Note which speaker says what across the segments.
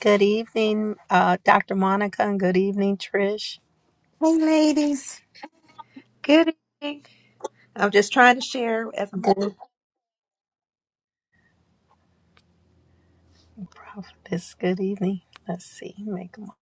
Speaker 1: Good evening, uh, Dr. Monica, and good evening, Trish.
Speaker 2: Hey, ladies.
Speaker 3: Good evening. I'm just trying to share as I'm.
Speaker 1: Good prophetess. Good evening. Let's see. Make 'em up.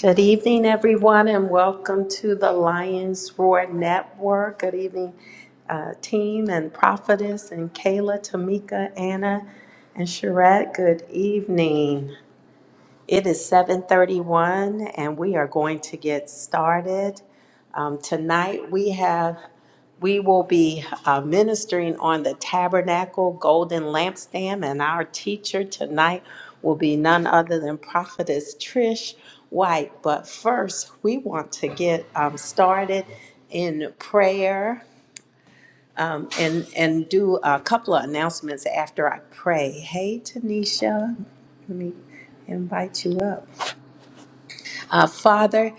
Speaker 1: Good evening, everyone, and welcome to the Lions Roar Network. Good evening, uh, team and prophetess and Kayla, Tamika, Anna, and Charette. Good evening. It is 7:31 and we are going to get started. Um, tonight we have we will be uh, ministering on the tabernacle golden lampstand and our teacher tonight will be none other than prophetess Trish White. But first, we want to get um, started in prayer um, and and do a couple of announcements after I pray. Hey Tanisha, let me invite you up. Uh, Father,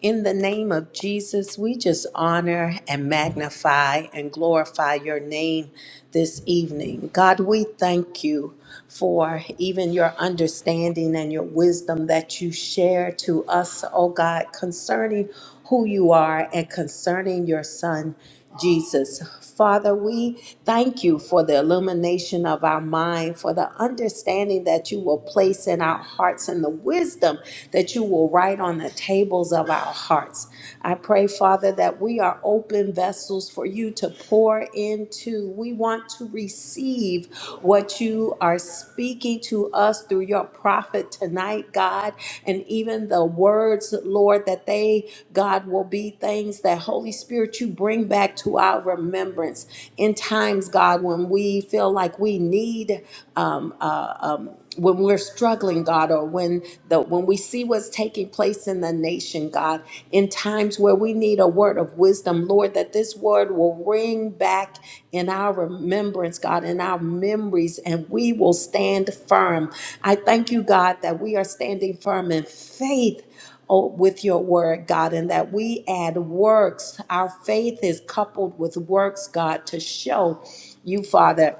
Speaker 1: in the name of Jesus, we just honor and magnify and glorify your name this evening. God, we thank you for even your understanding and your wisdom that you share to us, oh God, concerning who you are and concerning your son, Jesus. Father, we thank you for the illumination of our mind, for the understanding that you will place in our hearts, and the wisdom that you will write on the tables of our hearts. I pray, Father, that we are open vessels for you to pour into. We want to receive what you are speaking to us through through your prophet tonight, God, and even the words, Lord, that they, God, will be things that Holy Spirit, you bring back to our remembrance in times, God, when we feel like we need, um, uh, um, when we're struggling, God, or when the when we see what's taking place in the nation, God, in times where where we need a word of wisdom, Lord, that this word will ring back in our remembrance, God, in our memories, and we will stand firm. I thank you, God, that we are standing firm in faith. oh, with your word, God, and that we add works. Our faith is coupled with works, God, to show you, Father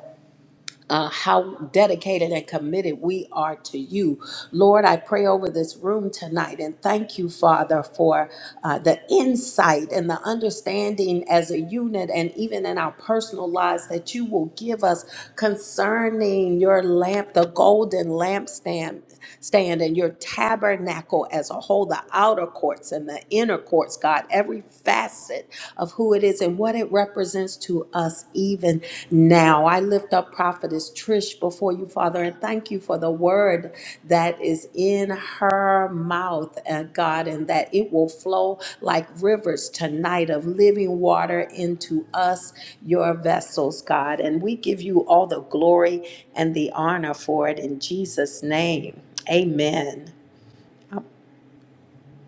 Speaker 1: uh, how dedicated and committed we are to you. Lord, I pray over this room tonight and thank you, Father, for uh, the insight and the understanding as a unit and even in our personal lives that you will give us concerning your lamp, the golden lampstand stand and your tabernacle as a whole, the outer courts and the inner courts, God, every facet of who it is and what it represents to us even now. I lift up Prophetess Trish before you, Father, and thank you for the word that is in her mouth, uh, God, and that it will flow like rivers tonight of living water into us, your vessels, God. And we give you all the glory and the honor for it in Jesus' name. Amen.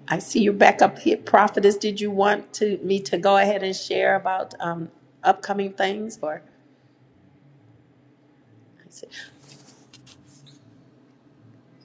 Speaker 1: I see you're back up here, prophetess. Did you want to me to go ahead and share about um, upcoming things, or?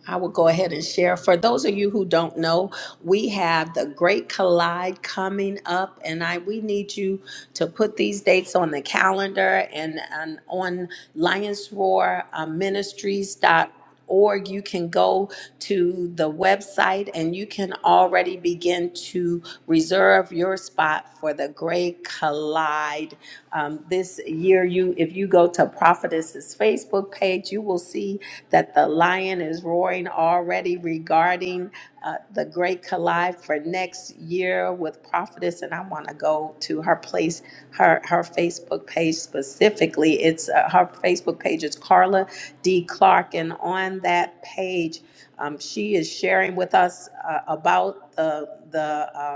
Speaker 1: I will go ahead and share. For those of you who don't know, we have the Great Collide coming up, and I we need you to put these dates on the calendar and, and on Lions Roar uh, Ministries.org. you can go to the website and you can already begin to reserve your spot for the Great Collide um, this year, you if you go to Prophetess's Facebook page, you will see that the lion is roaring already regarding uh, the Great Collide for next year with Prophetess. And I want to go to her place, her her Facebook page specifically. It's uh, her Facebook page is Carla D. Clark, and on that page, um, she is sharing with us uh, about the the. Uh,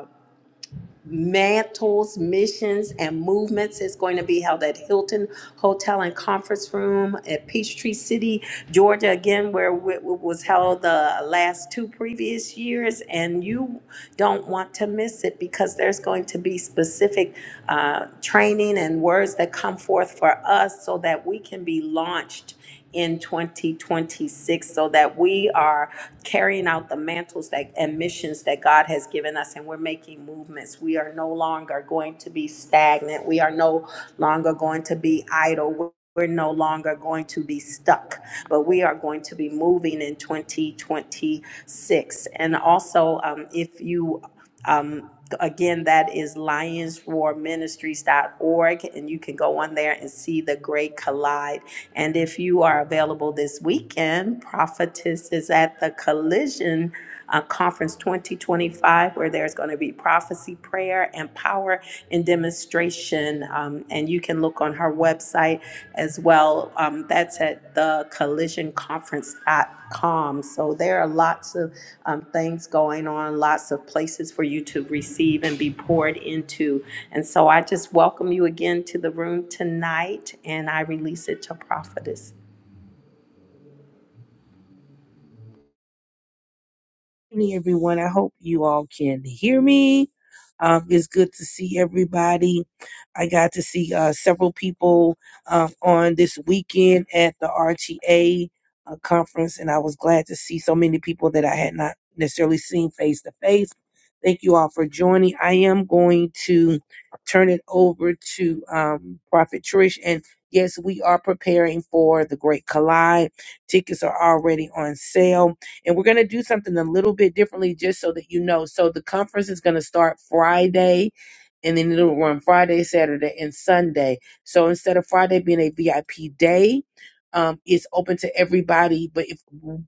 Speaker 1: mantles, missions, and movements is going to be held at Hilton Hotel and Conference Room at Peachtree City, Georgia, again, where it was held the last two previous years. And you don't want to miss it because there's going to be specific uh, training and words that come forth for us so that we can be launched in 2026 so that we are carrying out the mantles that and missions that God has given us, and we're making movements. We are no longer going to be stagnant. We are no longer going to be idle. We're we're no longer going to be stuck, but we are going to be moving in 2026. And also, um, if you um, again, that is lionsroarministries.org, and you can go on there and see the Great Collide and if you are available this weekend, Prophetess is at the Collision uh, Conference 2025, where there's going to be prophecy, prayer, and power and demonstration. Um, and you can look on her website as well. Um, that's at thecollisionconference.com. So there are lots of um, things going on, lots of places for you to receive and be poured into. And so I just welcome you again to the room tonight, and I release it to prophetess.
Speaker 4: evening, everyone. I hope you all can hear me. Um, it's good to see everybody. I got to see uh, several people um, on this weekend at the RTA uh, conference, and I was glad to see so many people that I had not necessarily seen face to face. Thank you all for joining. I am going to turn it over to um, Prophet Trish. And yes, we are preparing for the Great Collide. Tickets are already on sale and we're going to do something a little bit differently just so that you know. So the conference is going to start Friday and then it'll run Friday, Saturday, and Sunday. So instead of Friday being a VIP day, um, it's open to everybody. But if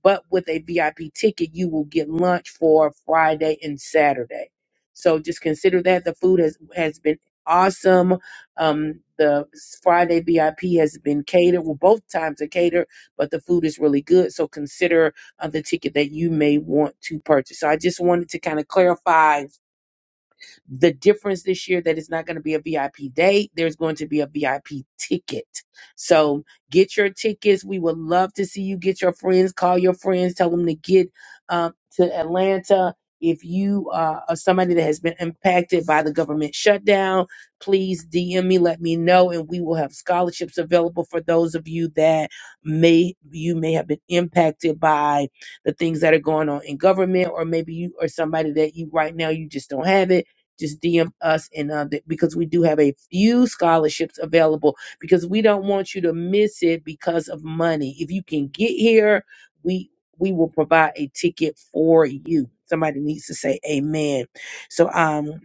Speaker 4: but with a VIP ticket, you will get lunch for Friday and Saturday. So just consider that the food has has been awesome. Um, the Friday VIP has been catered. Well, both times are catered, but the food is really good. So consider uh, the ticket that you may want to purchase. So I just wanted to kind of clarify the difference this year that it's not going to be a VIP date, there's going to be a VIP ticket. So get your tickets. We would love to see you get your friends, call your friends, tell them to get um, to Atlanta. If you uh, are somebody that has been impacted by the government shutdown, please DM me, let me know, and we will have scholarships available for those of you that may you may have been impacted by the things that are going on in government, or maybe you are somebody that you right now you just don't have it just DM us and uh, th- because we do have a few scholarships available because we don't want you to miss it because of money. If you can get here, we we will provide a ticket for you. Somebody needs to say amen. So um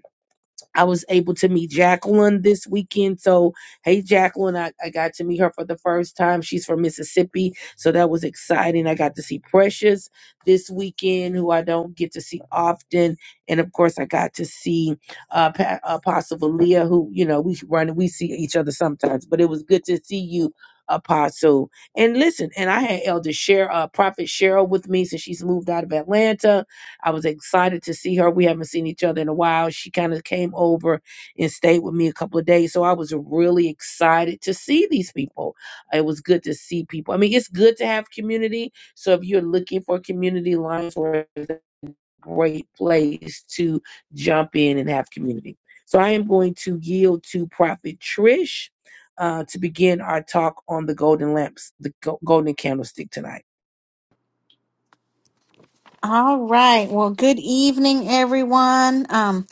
Speaker 4: I was able to meet Jacqueline this weekend. So, hey, Jacqueline, I, I got to meet her for the first time. She's from Mississippi. So that was exciting. I got to see Precious this weekend, who I don't get to see often. And of course, I got to see uh, Pa- Apostle Valia, who, you know, we run, we see each other sometimes, but it was good to see you. Apostle, and listen, and I had Elder Share, uh, Prophet Cheryl with me since she's moved out of Atlanta I was excited to see her. We haven't seen each other in a while. She kind of came over and stayed with me a couple of days. So I was really excited to see these people. It was good to see people. I mean, it's good to have community. So if you're looking for community, Lionsworth is a great place to jump in and have community. So I am going to yield to Prophet Trish uh, to begin our talk on the golden lamps, the go- golden candlestick tonight.
Speaker 2: All right. Well, good evening, everyone. Um,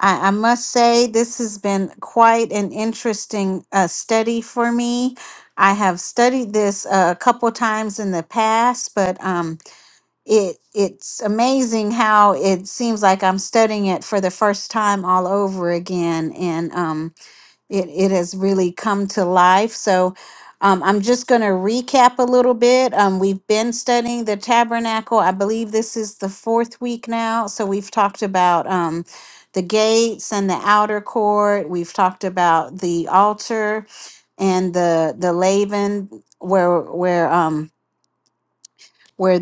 Speaker 2: I, I must say, this has been quite an interesting uh, study for me. I have studied this uh, a couple times in the past, but um, it it's amazing how it seems like I'm studying it for the first time all over again. And um, it, it has really come to life. So um, I'm just going to recap a little bit. Um, we've been studying the tabernacle. I believe this is the fourth week now. So we've talked about um, the gates and the outer court. We've talked about the altar and the the laven where where um where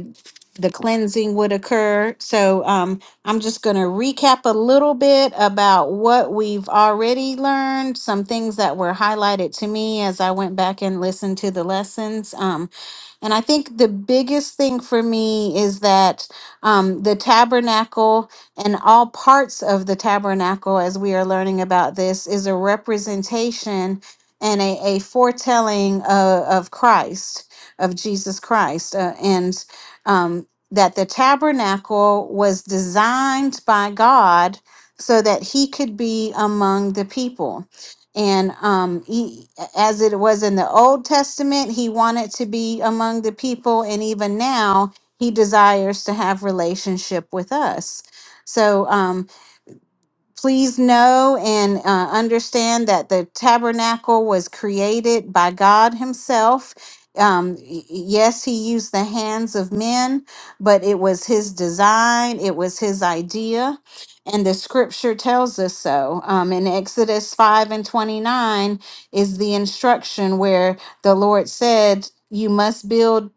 Speaker 2: the cleansing would occur. So um, I'm just going to recap a little bit about what we've already learned, some things that were highlighted to me as I went back and listened to the lessons. Um, and I think the biggest thing for me is that um, the tabernacle and all parts of the tabernacle, as we are learning about this, is a representation and a, a foretelling of, of Christ, of Jesus Christ. Uh, and um, that the tabernacle was designed by God so that he could be among the people and um, he, as it was in the Old Testament, he wanted to be among the people, and even now he desires to have relationship with us. So, um, please know and uh, understand that the tabernacle was created by God Himself. Um, y- yes, He used the hands of men, but it was His design, it was His idea. And the scripture tells us so. Um, in Exodus 5 and 29 is the instruction where the Lord said, You must build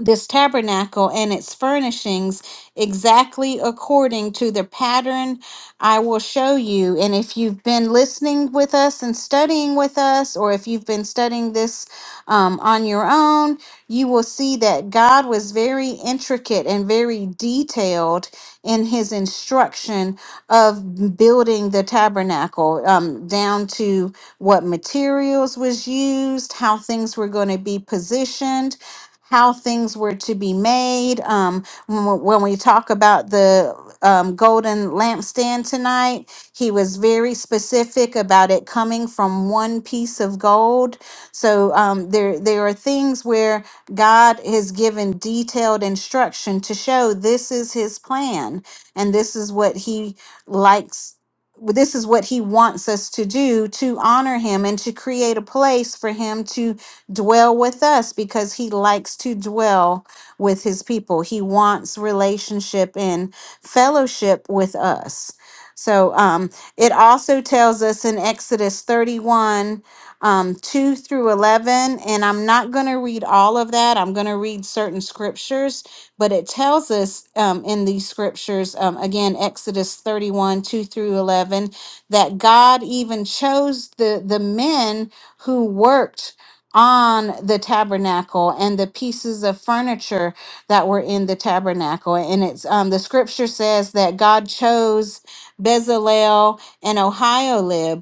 Speaker 2: this tabernacle and its furnishings exactly according to the pattern I will show you. And if you've been listening with us and studying with us, or if you've been studying this um, on your own, you will see that God was very intricate and very detailed in his instruction of building the tabernacle, um, down to what materials was used, how things were going to be positioned how things were to be made. Um, when we when we talk about the um, golden lampstand tonight, he was very specific about it coming from one piece of gold. So um, there, there are things where God has given detailed instruction to show this is His plan and this is what He likes. This is what he wants us to do to honor him and to create a place for him to dwell with us because he likes to dwell with his people. He wants relationship and fellowship with us. So um, it also tells us in Exodus 31 um, 2 through 11, and I'm not going to read all of that. I'm going to read certain scriptures, but it tells us um, in these scriptures, um, again, Exodus 31 2 through 11, that God even chose the, the men who worked on the tabernacle and the pieces of furniture that were in the tabernacle. And it's um, the scripture says that God chose Bezalel and Oholiab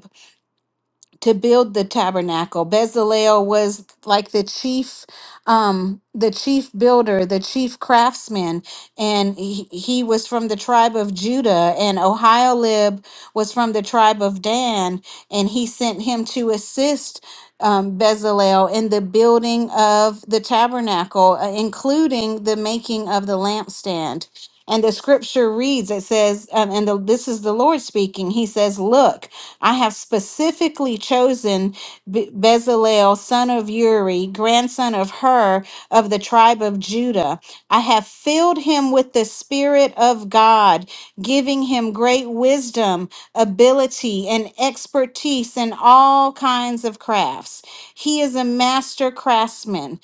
Speaker 2: to build the tabernacle. Bezalel was like the chief, um, the chief builder, the chief craftsman, and he, he was from the tribe of Judah. And Oholiab was from the tribe of Dan, and he sent him to assist um, Bezalel in the building of the tabernacle, uh, including the making of the lampstand. And the scripture reads, it says, um, and the, this is the Lord speaking. He says, Look, I have specifically chosen Be- Bezalel, son of Uri, grandson of Hur of the tribe of Judah. I have filled him with the Spirit of God, giving him great wisdom, ability, and expertise in all kinds of crafts. He is a master craftsman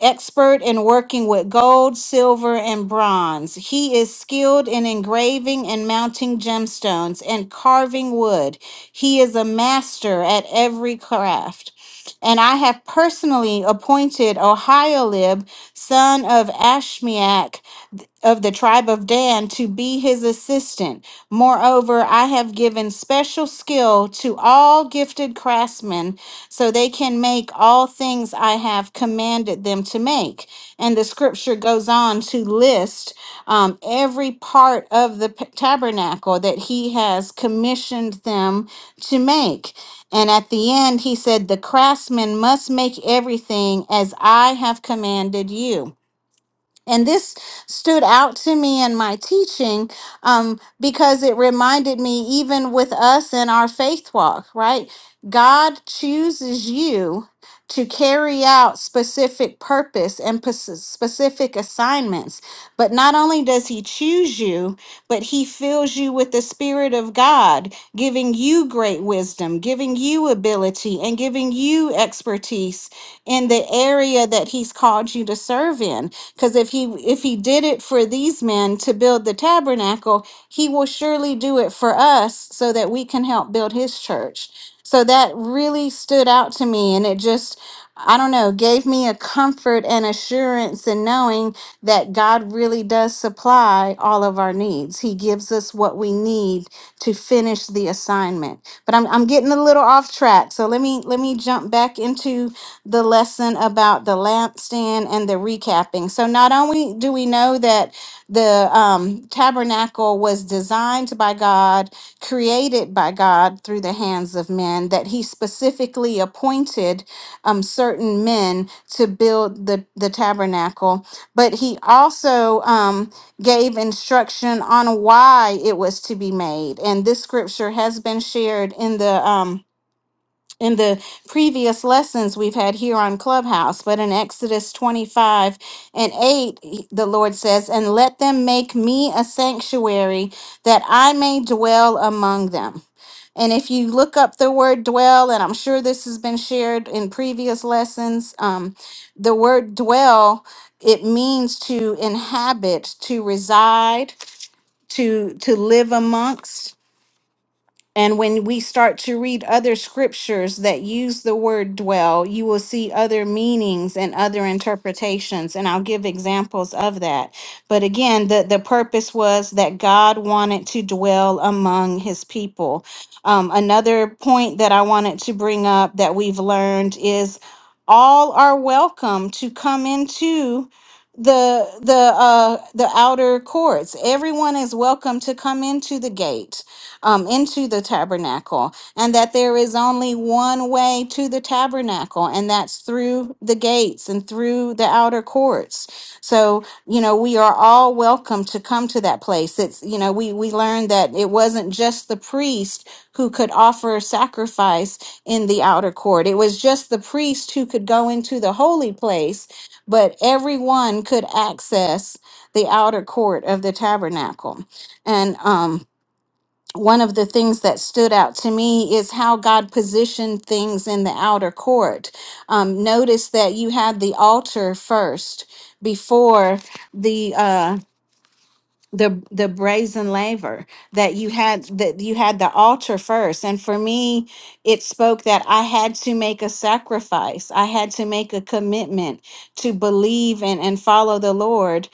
Speaker 2: expert in working with gold, silver, and bronze. He is skilled in engraving and mounting gemstones and carving wood. He is a master at every craft. And I have personally appointed Ohiolib, son of Ashmiach of the tribe of Dan, to be his assistant. Moreover, I have given special skill to all gifted craftsmen so they can make all things I have commanded them to make. And the scripture goes on to list um, every part of the p- tabernacle that he has commissioned them to make. And at the end, he said, The craftsman must make everything as I have commanded you. And this stood out to me in my teaching um, because it reminded me, even with us in our faith walk, right? God chooses you to carry out specific purpose and pos- specific assignments. But not only does He choose you, but He fills you with the Spirit of God, giving you great wisdom, giving you ability, and giving you expertise in the area that He's called you to serve in. Because if he if he did it for these men to build the tabernacle, he will surely do it for us so that we can help build his church. So that really stood out to me and it just I don't know, gave me a comfort and assurance in knowing that God really does supply all of our needs. He gives us what we need to finish the assignment. But I'm, I'm getting a little off track. So let me let me jump back into the lesson about the lampstand and the recapping. So not only do we know that the um, tabernacle was designed by God, created by God through the hands of men, that He specifically appointed um, certain men to build the, the tabernacle, but He also um, gave instruction on why it was to be made. And this scripture has been shared in the. Um, in the previous lessons we've had here on Clubhouse, but in Exodus 25 and 8, he- the Lord says, And let them make me a sanctuary that I may dwell among them. And if you look up the word dwell, and I'm sure this has been shared in previous lessons, um, the word dwell, it means to inhabit, to reside, to to live amongst. And when we start to read other scriptures that use the word dwell, you will see other meanings and other interpretations. And I'll give examples of that. But again, the, the purpose was that God wanted to dwell among his people. Um, another point that I wanted to bring up that we've learned is all are welcome to come into the the uh the outer courts everyone is welcome to come into the gate um, into the tabernacle, and that there is only one way to the tabernacle, and that's through the gates and through the outer courts. So, you know, we are all welcome to come to that place. It's, you know, we, we learned that it wasn't just the priest who could offer sacrifice in the outer court, it was just the priest who could go into the holy place, but everyone could access the outer court of the tabernacle. And, um, one of the things that stood out to me is how God positioned things in the outer court. Um, notice that you had the altar first before the uh, the the brazen laver. That you had that you had the altar first, and for me, it spoke that I had to make a sacrifice. I had to make a commitment to believe and and follow the Lord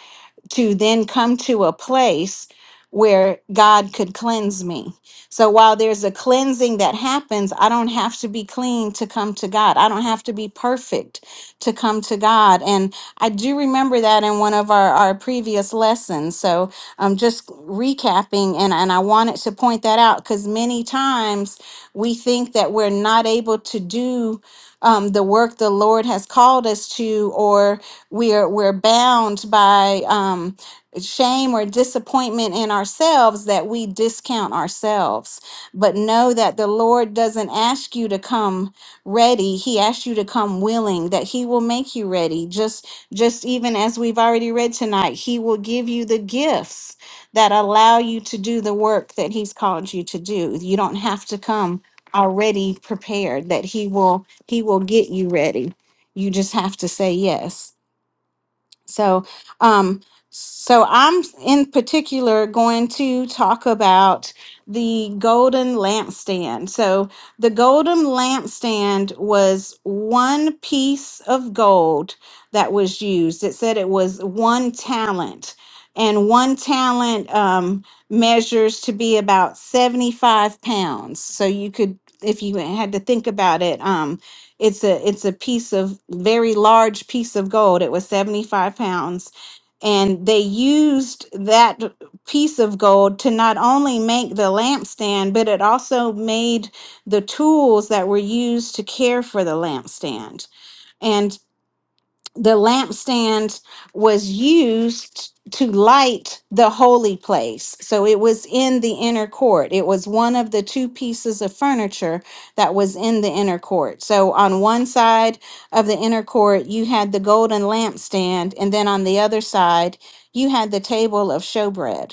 Speaker 2: to then come to a place where God could cleanse me. So while there's a cleansing that happens, I don't have to be clean to come to God. I don't have to be perfect to come to God. And I do remember that in one of our, our previous lessons. So I'm just recapping and, and I wanted to point that out because many times we think that we're not able to do um, the work the Lord has called us to, or we're we're bound by um, shame or disappointment in ourselves that we discount ourselves. But know that the Lord doesn't ask you to come ready; He asks you to come willing. That He will make you ready. Just just even as we've already read tonight, He will give you the gifts that allow you to do the work that He's called you to do. You don't have to come already prepared that he will he will get you ready you just have to say yes so, um, so I'm in particular going to talk about the golden lampstand. So, the golden lampstand was one piece of gold that was used. It said it was one talent, and one talent um, measures to be about 75 pounds. So, you could, if you had to think about it, um, it's a it's a piece of very large piece of gold. It was 75 pounds. And they used that piece of gold to not only make the lampstand, but it also made the tools that were used to care for the lampstand the lampstand was used to light the holy place. So it was in the inner court. It was one of the two pieces of furniture that was in the inner court. So on one side of the inner court, you had the golden lampstand, and then on the other side, you had the table of showbread.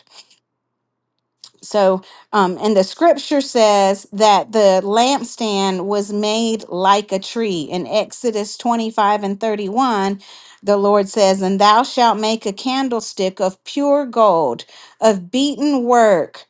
Speaker 2: So, um, and the scripture says that the lampstand was made like a tree. In Exodus 25 and 31, the Lord says, And thou shalt make a candlestick of pure gold, of beaten work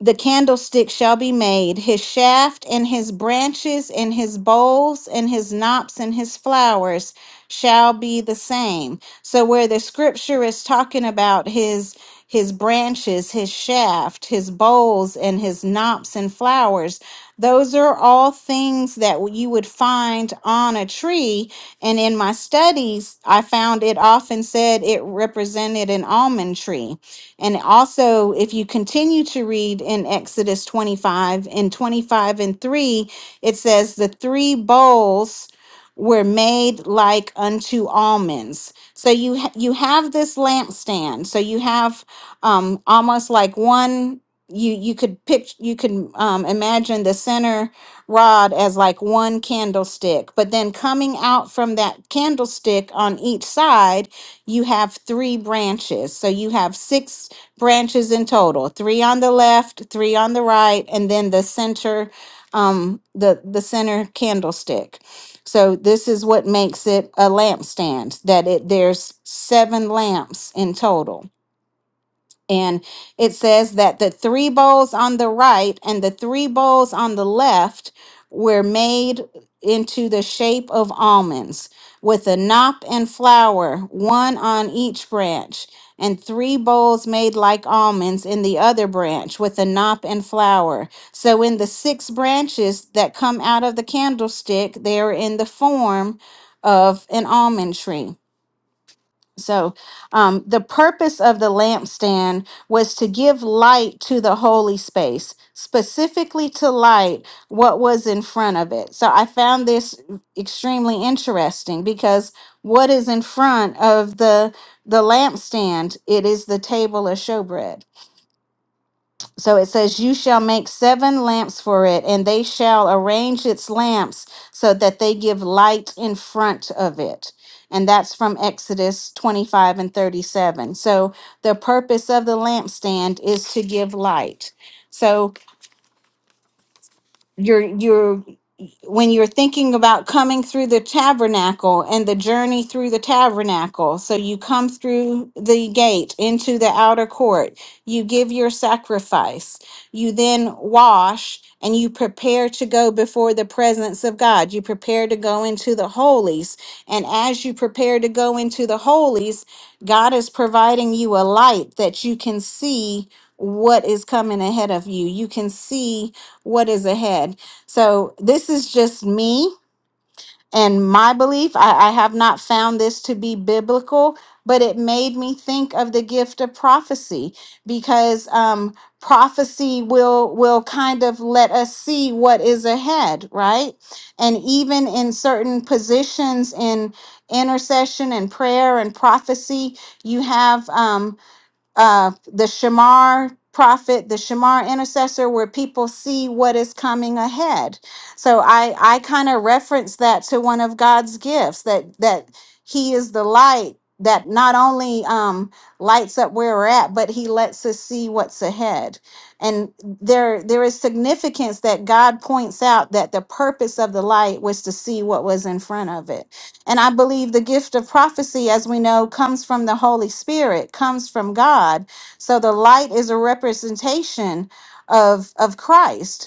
Speaker 2: the candlestick shall be made his shaft and his branches and his bowls and his knops and his flowers shall be the same so where the scripture is talking about his his branches his shaft his bowls and his knops and flowers those are all things that you would find on a tree and in my studies i found it often said it represented an almond tree and also, if you continue to read in Exodus 25, in 25 and 3, it says, The three bowls were made like unto almonds. So you ha- you have this lampstand. So you have um almost like one you you could picture you could um, imagine the center rod as like one candlestick but then coming out from that candlestick on each side you have three branches so you have six branches in total, three on the left, three on the right, and then the center, um, the, the center candlestick. So this is what makes it a lampstand, that it, there's seven lamps in total. And it says that the three bowls on the right and the three bowls on the left were made into the shape of almonds with a knop and flower, one on each branch, and three bowls made like almonds in the other branch with a knop and flower. So in the six branches that come out of the candlestick, they are in the form of an almond tree. So, um, the purpose of the lampstand was to give light to the holy space, specifically to light what was in front of it. So, I found this extremely interesting because what is in front of the the lampstand? It is the table of showbread so it says, You shall make seven lamps for it, and they shall arrange its lamps so that they give light in front of it. And that's from Exodus 25 and 37. So the purpose of the lampstand is to give light. So you're you're when you're thinking about coming through the tabernacle and the journey through the tabernacle, so you come through the gate into the outer court, you give your sacrifice, you then wash, and you prepare to go before the presence of God. You prepare to go into the holies. And as you prepare to go into the holies, God is providing you a light that you can see what is coming ahead of you. You can see what is ahead so this is just me and my belief. I, I have not found this to be biblical, but it made me think of the gift of prophecy because um, prophecy will will kind of let us see what is ahead, right? And even in certain positions in intercession and prayer and prophecy, you have. um, uh, the Shamar prophet, the Shamar intercessor, where people see what is coming ahead. So I I kind of reference that to one of God's gifts that that He is the light that not only um, lights up where we're at, but He lets us see what's ahead. And there there is significance that God points out that the purpose of the light was to see what was in front of it and I believe the gift of prophecy, as we know, comes from the Holy Spirit, comes from God. So the light is a representation of, of Christ.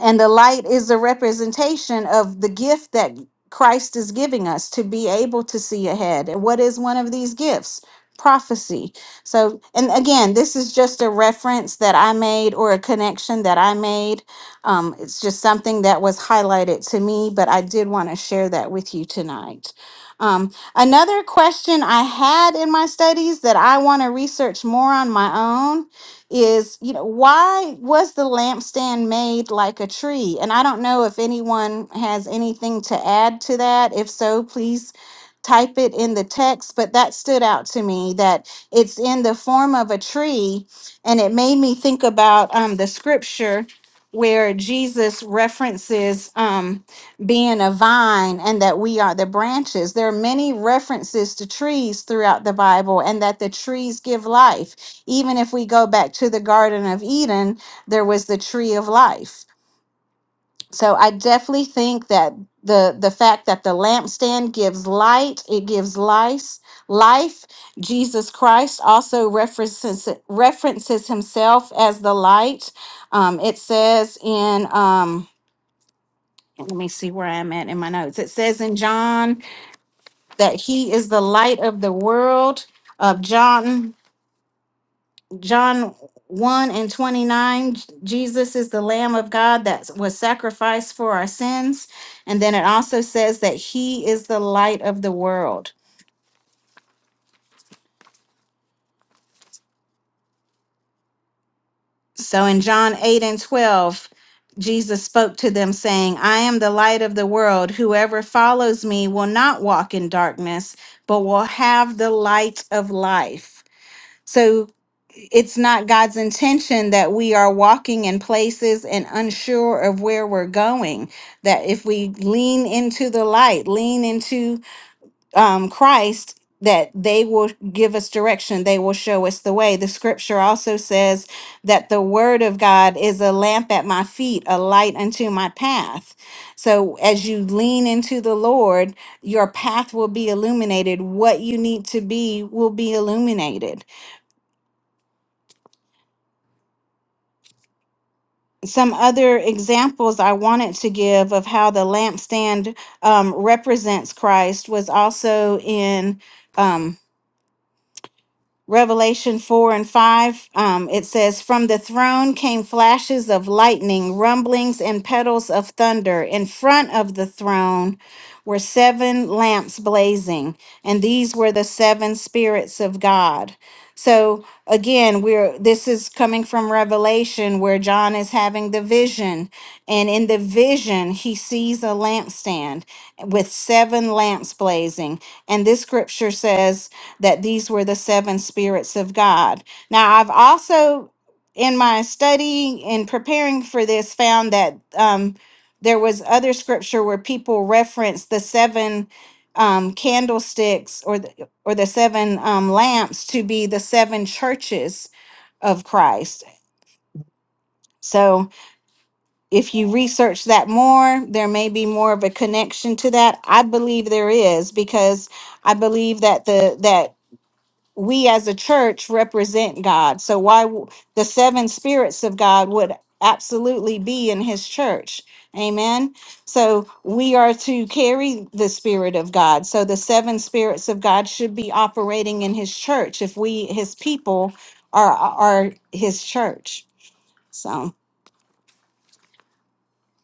Speaker 2: And the light is a representation of the gift that Christ is giving us to be able to see ahead. And what is one of these gifts? Prophecy. So, and again, this is just a reference that I made or a connection that I made. Um, it's just something that was highlighted to me, but I did want to share that with you tonight. Um, another question I had in my studies that I want to research more on my own is, you know, why was the lampstand made like a tree? And I don't know if anyone has anything to add to that. If so, please type it in the text. But that stood out to me that it's in the form of a tree. And it made me think about um, the scripture where Jesus references um, being a vine and that we are the branches. There are many references to trees throughout the Bible and that the trees give life. Even if we go back to the Garden of Eden, there was the tree of life. So I definitely think that the the fact that the lampstand gives light, it gives life, life. Jesus Christ also references references himself as the light. Um, it says in um, let me see where I'm at in my notes. It says in John that he is the light of the world of John John 1 and 29, J- Jesus is the Lamb of God that was sacrificed for our sins. And then it also says that he is the light of the world. So in John 8 and 12, Jesus spoke to them, saying, I am the light of the world. Whoever follows me will not walk in darkness, but will have the light of life. So it's not God's intention that we are walking in places and unsure of where we're going. That if we lean into the light, lean into um, Christ, that they will give us direction, they will show us the way. The scripture also says that the word of God is a lamp at my feet, a light unto my path. So as you lean into the Lord, your path will be illuminated. What you need to be will be illuminated some other examples I wanted to give of how the lampstand um, represents Christ was also in um, Revelation 4 and 5. Um, it says, From the throne came flashes of lightning, rumblings, and petals of thunder. In front of the throne were seven lamps blazing, and these were the seven spirits of God. So again, we're this is coming from Revelation where John is having the vision, and in the vision he sees a lampstand with seven lamps blazing, and this scripture says that these were the seven spirits of God. Now, I've also in my study in preparing for this found that um, there was other scripture where people reference the seven um, candlesticks or or the seven um, lamps to be the seven churches of Christ. So, if you research that more, there may be more of a connection to that. I believe there is because I believe that the that we as a church represent God. So why w- the seven spirits of God would absolutely be in his church. Amen. So we are to carry the spirit of God. So the seven spirits of God should be operating in his church if we his people are are his church. So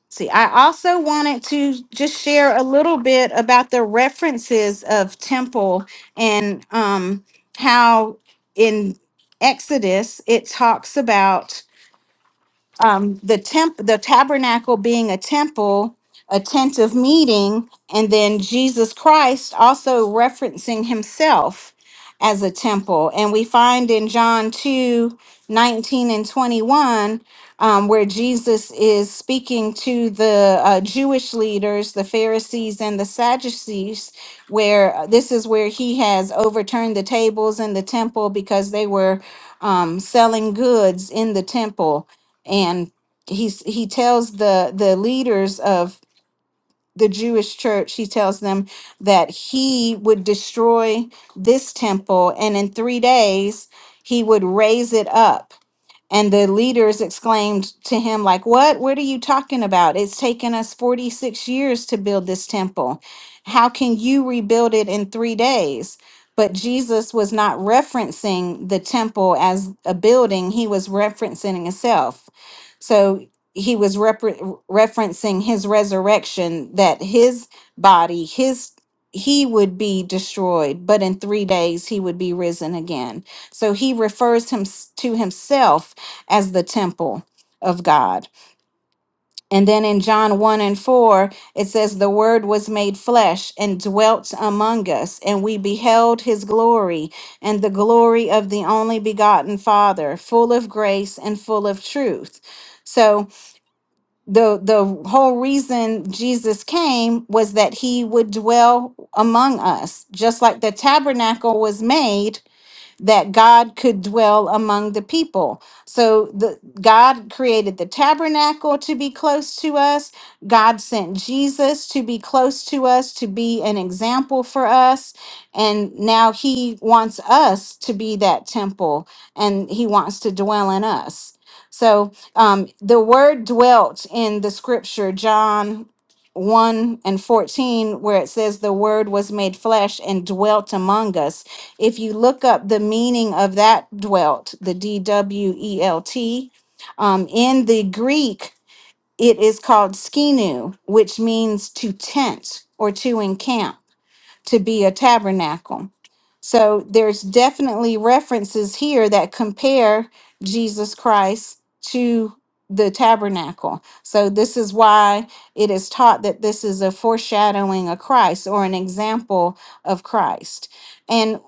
Speaker 2: See, I also wanted to just share a little bit about the references of temple and um, how in Exodus it talks about um, the temp, the tabernacle being a temple, a tent of meeting, and then Jesus Christ also referencing himself as a temple. And we find in John 2 19 and 21, um, where Jesus is speaking to the uh, Jewish leaders, the Pharisees and the Sadducees, where uh, this is where he has overturned the tables in the temple because they were um, selling goods in the temple and he's he tells the the leaders of the Jewish church he tells them that he would destroy this temple and in 3 days he would raise it up and the leaders exclaimed to him, like, what? What are you talking about? It's taken us 46 years to build this temple. How can you rebuild it in three days? But Jesus was not referencing the temple as a building. He was referencing himself. So he was repre- referencing his resurrection, that his body, his he would be destroyed, but in three days he would be risen again. So he refers him to himself as the temple of God. And then in John 1 and 4, it says, The Word was made flesh and dwelt among us, and we beheld his glory, and the glory of the only begotten Father, full of grace and full of truth. So the the whole reason Jesus came was that he would dwell among us just like the tabernacle was made that God could dwell among the people. So the God created the tabernacle to be close to us. God sent Jesus to be close to us, to be an example for us. And now he wants us to be that temple and he wants to dwell in us. So um, the word dwelt in the scripture, John 1 and 14, where it says, The word was made flesh and dwelt among us. If you look up the meaning of that dwelt, the D W E L T, um, in the Greek, it is called skinu, which means to tent or to encamp to be a tabernacle. So there's definitely references here that compare Jesus Christ to the tabernacle. So this is why it is taught that this is a foreshadowing of Christ or an example of Christ. And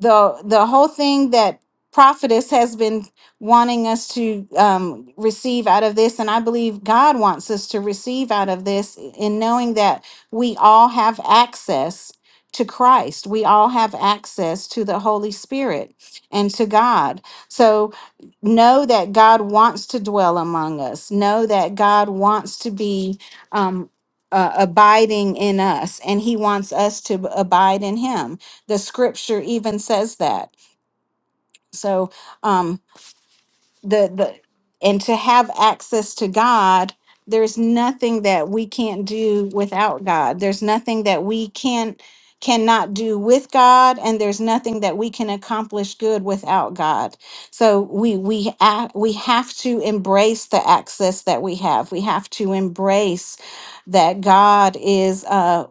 Speaker 2: the the whole thing that prophetess has been wanting us to um, receive out of this and i believe god wants us to receive out of this in knowing that we all have access to Christ. We all have access to the Holy Spirit and to God. So know that God wants to dwell among us. Know that God wants to be um, uh, abiding in us and he wants us to abide in him. The scripture even says that. So, um, the the and to have access to God, there's nothing that we can't do without God. There's nothing that we can cannot do with God and there's nothing that we can accomplish good without God. So we we a- we have to embrace the access that we have. We have to embrace that God is uh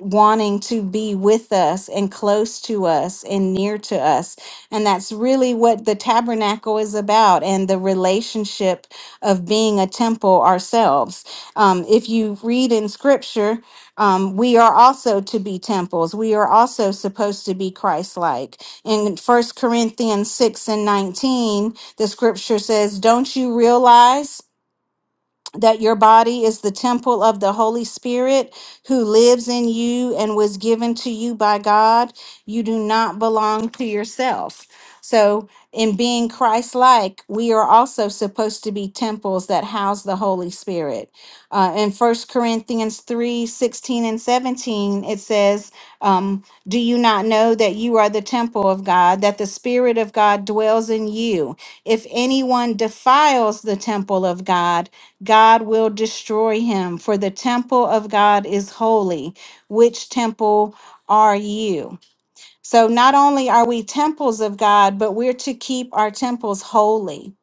Speaker 2: wanting to be with us and close to us and near to us and that's really what the tabernacle is about and the relationship of being a temple ourselves. Um, if you read in scripture, um, we are also to be temples. We are also supposed to be Christ like. In First Corinthians 6 and 19, the scripture says, Don't you realize? that your body is the temple of the Holy Spirit who lives in you and was given to you by God. You do not belong to yourself. So, in being Christ like, we are also supposed to be temples that house the Holy Spirit. Uh, in First Corinthians 3 16 and 17, it says, um, Do you not know that you are the temple of God, that the Spirit of God dwells in you? If anyone defiles the temple of God, God will destroy him, for the temple of God is holy. Which temple are you? So, not only are we temples of God, but we're to keep our temples holy.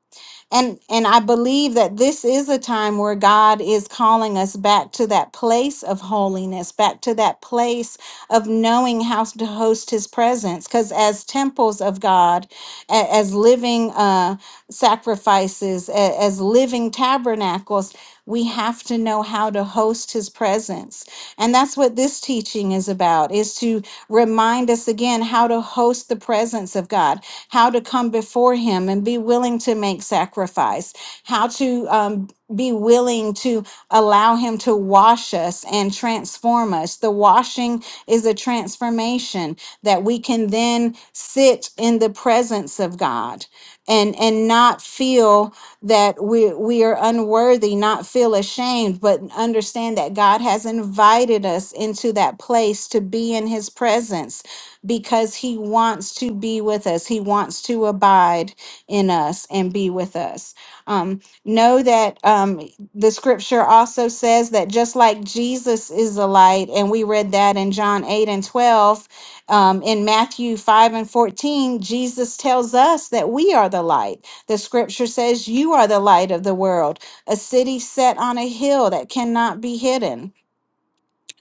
Speaker 2: And, and I believe that this is a time where God is calling us back to that place of holiness, back to that place of knowing how to host his presence. Because as temples of God, a- as living uh, sacrifices, a- as living tabernacles, we have to know how to host his presence. And that's what this teaching is about, is to remind us again how to host the presence of God, how to come before him and be willing to make sacrifice, how to um, be willing to allow him to wash us and transform us. The washing is a transformation that we can then sit in the presence of God and and not feel that we we are unworthy not feel ashamed but understand that God has invited us into that place to be in his presence because he wants to be with us he wants to abide in us and be with us um, know that um, the scripture also says that just like Jesus is the light and we read that in John 8 and 12 um, in Matthew 5 and 14, Jesus tells us that we are the light. The scripture says, You are the light of the world, a city set on a hill that cannot be hidden.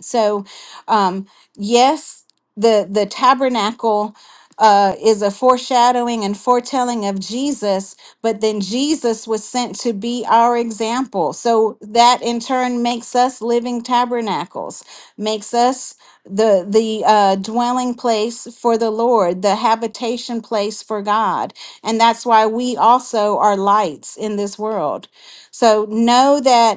Speaker 2: So, um, yes, the the tabernacle uh, is a foreshadowing and foretelling of Jesus, but then Jesus was sent to be our example. So that in turn makes us living tabernacles, makes us the the uh, dwelling place for the Lord, the habitation place for God, and that's why we also are lights in this world. So know that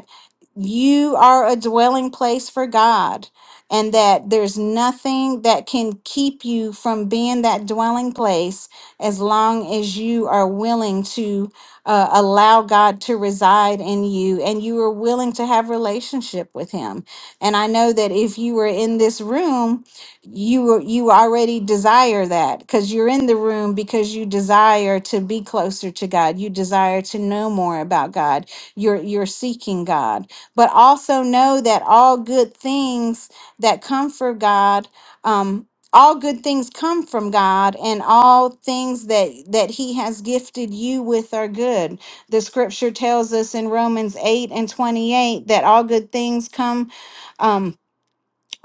Speaker 2: you are a dwelling place for God, and that there's nothing that can keep you from being that dwelling place as long as you are willing to uh, allow God to reside in you and you are willing to have relationship with him. And I know that if you were in this room, you were, you already desire that cuz you're in the room because you desire to be closer to God. You desire to know more about God. You're you're seeking God but also know that all good things that come from God, um, all good things come from God, and all things that that He has gifted you with are good. The Scripture tells us in Romans eight and twenty eight that all good things come. Um,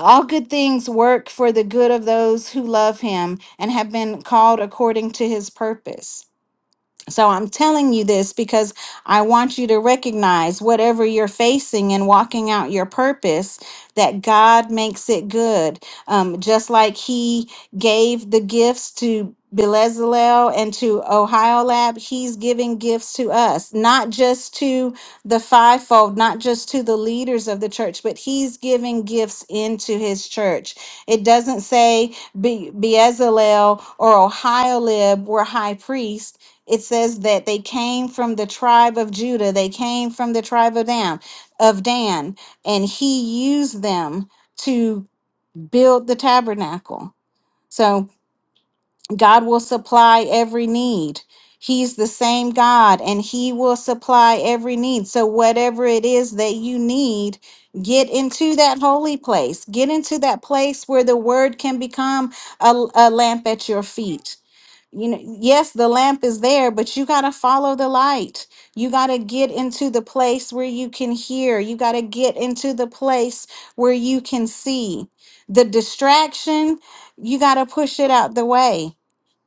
Speaker 2: all good things work for the good of those who love him and have been called according to his purpose. So I'm telling you this because I want you to recognize whatever you're facing and walking out your purpose, that God makes it good. Um, just like He gave the gifts to. Belezalel and to Ohio Lab, he's giving gifts to us, not just to the fivefold, not just to the leaders of the church, but he's giving gifts into his church. It doesn't say Be- Bezalel or Ohio Lib were high priests it says that they came from the tribe of Judah, they came from the tribe of Dan, of Dan, and he used them to build the tabernacle. So God will supply every need. He's the same God and he will supply every need. So whatever it is that you need, get into that holy place. Get into that place where the word can become a, a lamp at your feet you know yes the lamp is there but you got to follow the light you got to get into the place where you can hear you got to get into the place where you can see the distraction you got to push it out the way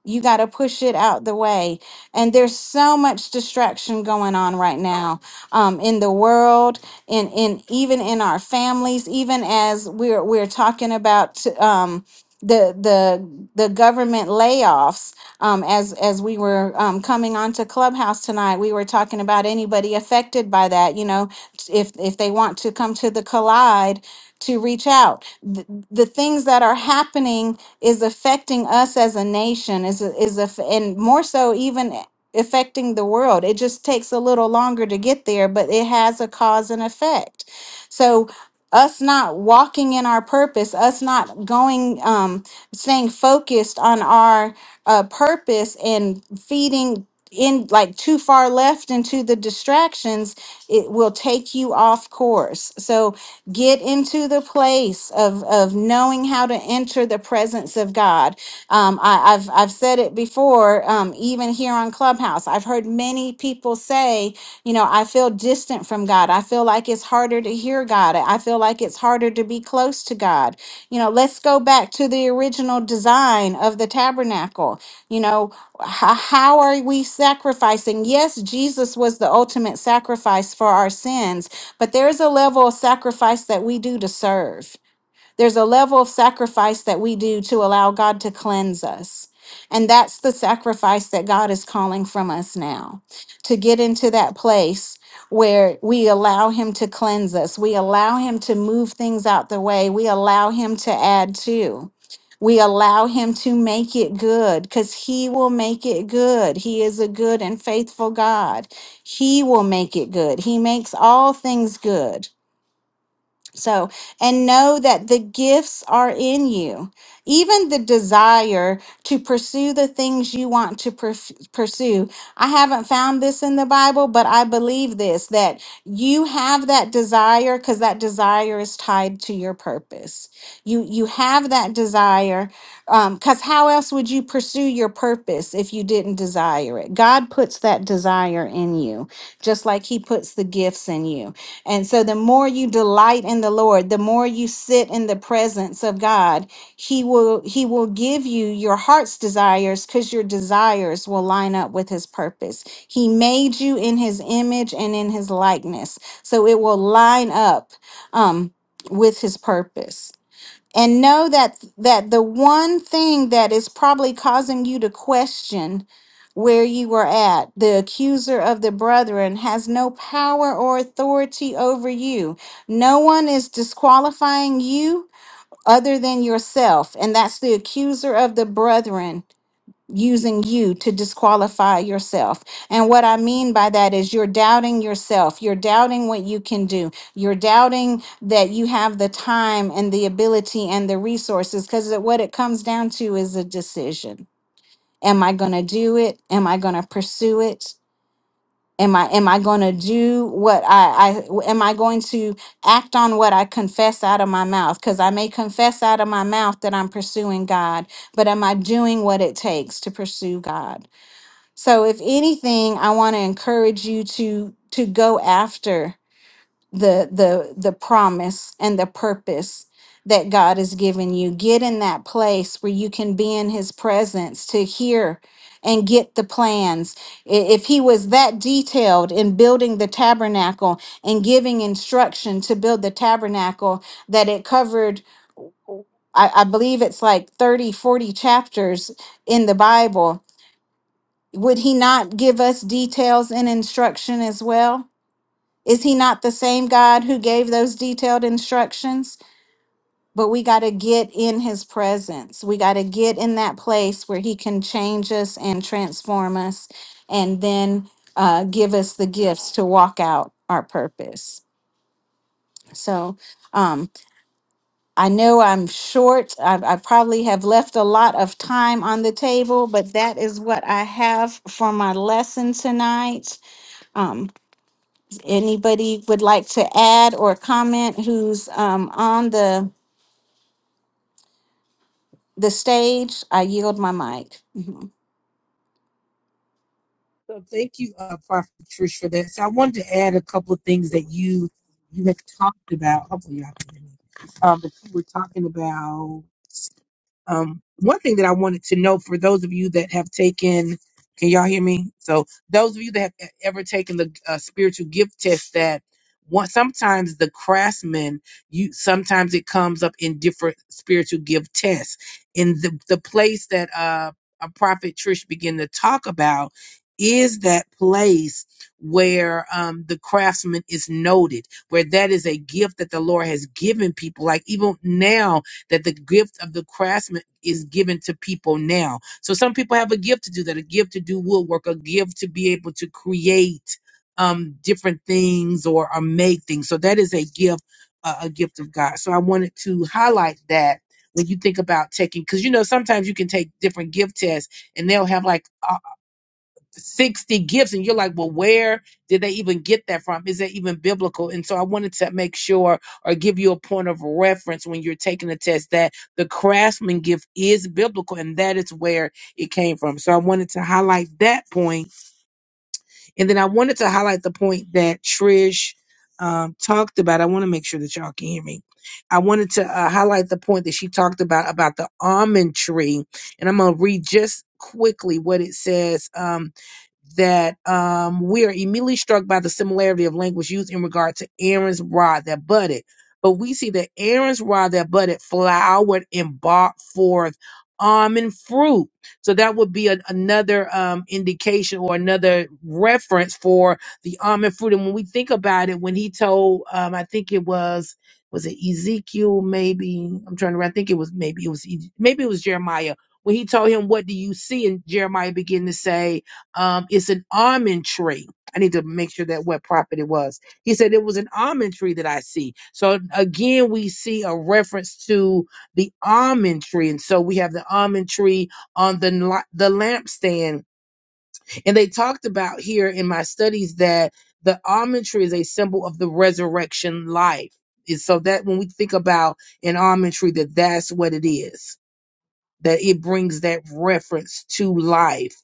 Speaker 2: you got to push it out the way. And there's so much distraction going on right now um, in the world, and in in even in our families, even as we're we're talking about t- um, the the the government layoffs. Um, as as we were um, coming onto Clubhouse tonight, we were talking about anybody affected by that. You know, if if they want to come to the collide to reach out, the, the things that are happening is affecting us as a nation is is a, and more so even affecting the world it just takes a little longer to get there but it has a cause and effect so us not walking in our purpose us not going um staying focused on our uh purpose and feeding in like too far left into the distractions it will take you off course so Get into the place of, of knowing how to enter the presence of God. Um, I, I've, I've said it before, um, even here on Clubhouse. I've heard many people say, you know, I feel distant from God. I feel like it's harder to hear God. I feel like it's harder to be close to God. You know, let's go back to the original design of the tabernacle. You know, h- how are we sacrificing? Yes, Jesus was the ultimate sacrifice for our sins, but there is a level of sacrifice that we do to serve. There's a level of sacrifice that we do to allow God to cleanse us. And that's the sacrifice that God is calling from us now to get into that place where we allow Him to cleanse us. We allow Him to move things out the way. We allow Him to add to. We allow Him to make it good because He will make it good. He is a good and faithful God. He will make it good. He makes all things good. So, and know that the gifts are in you. Even the desire to pursue the things you want to perf- pursue. I haven't found this in the Bible, but I believe this that you have that desire because that desire is tied to your purpose. You you have that desire because how else would you pursue your purpose if you didn't desire it? God puts that desire in you, just like He puts the gifts in you. And so, the more you delight in the Lord, the more you sit in the presence of God, He will He will give you your heart's desires because your desires will line up with His purpose. He made you in His image and in His likeness, so it will line up um, with His purpose and know that that the one thing that is probably causing you to question where you were at the accuser of the brethren has no power or authority over you no one is disqualifying you other than yourself and that's the accuser of the brethren using you to disqualify yourself. And what I mean by that is you're doubting yourself. You're doubting what you can do. You're doubting that you have the time and the ability and the resources because what it comes down to is a decision. Am I going to do it? Am I going to pursue it? Am I am I going to do what I, I am I going to act on what I confess out of my mouth because I may confess out of my mouth that I'm pursuing God, but am I doing what it takes to pursue God? So if anything, I want to encourage you to to go after the the the promise and the purpose that God has given you. Get in that place where you can be in his presence to hear and get the plans. I- If he was that detailed in building the tabernacle and giving instruction to build the tabernacle that it covered I, I believe it's like 30 40 chapters in the Bible would he not give us details and instruction as well? Is he not the same God who gave those detailed instructions? But we got to get in his presence. We got to get in that place where he can change us and transform us and then uh, give us the gifts to walk out our purpose. So um, I know I'm short. I, I probably have left a lot of time on the table, but that is what I have for my lesson tonight. Anybody would like to add or comment who's um, on the the stage? I yield my mic.
Speaker 4: So thank you, uh, Prophet Trish, for that. So I wanted to add a couple of things that you you had talked about. Hopefully, y'all can hear me. Um, that you were talking about. Um, one thing that I wanted to know for those of you that have taken, can y'all hear me? So those of you that have e- ever taken the uh, spiritual gift test, that one, sometimes the craftsman, you sometimes it comes up in different spiritual gift tests. In the the place that uh, a prophet Trish began to talk about is that place where um, the craftsman is noted where that is a gift that the lord has given people like even now that the gift of the craftsman is given to people now. So some people have a gift to do that, a gift to do woodwork, a gift to be able to create um, different things or, or make things. So that is a gift, uh, a gift of God. So I wanted to highlight that when you think about taking, because you know sometimes you can take different gift tests and they'll have like 60 gifts and you're like well where did they even get that from is that even biblical and so i wanted to make sure or give you a point of reference when you're taking a test that the craftsman gift is biblical and that is where it came from so i wanted to highlight that point and then i wanted to highlight the point that trish um, talked about i want to make sure that y'all can hear me i wanted to uh, highlight the point that she talked about about the almond tree and i'm going to read just quickly what it says Um, that um, we are immediately struck by the similarity of language used in regard to Aaron's rod that budded. But we see that Aaron's rod that budded flowered and brought forth almond fruit. So that would be an another um, indication or another reference for the almond fruit. And when we think about it, when he told, um, I think it was, was it Ezekiel? Maybe I'm trying to. remember. I think it was maybe it was E- maybe it was Jeremiah. When he told him, "What do you see?" and Jeremiah began to say, um, it's an almond tree. I need to make sure that what prophet it was. He said it was an almond tree that I see. So again, we see a reference to the almond tree, and so we have the almond tree on the la- the lampstand. And they talked about here in my studies that the almond tree is a symbol of the resurrection life. And so that when we think about an almond tree, that that's what it is. That it brings that reference to life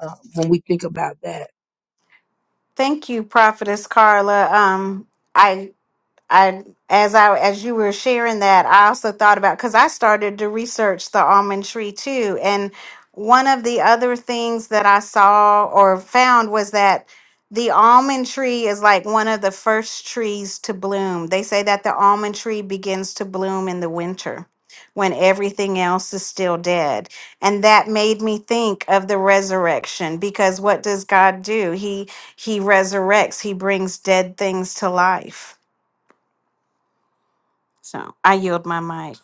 Speaker 4: uh, when we think about that.
Speaker 2: Thank you, Prophetess Carla. Um, I I as I as you were sharing that, I also thought about because I started to research the almond tree too, and one of the other things that I saw or found was that the almond tree is like one of the first trees to bloom. They say that the almond tree begins to bloom in the winter when everything else is still dead. And that made me think of the resurrection because what does God do? He he resurrects, he brings dead things to life. So I yield my mic.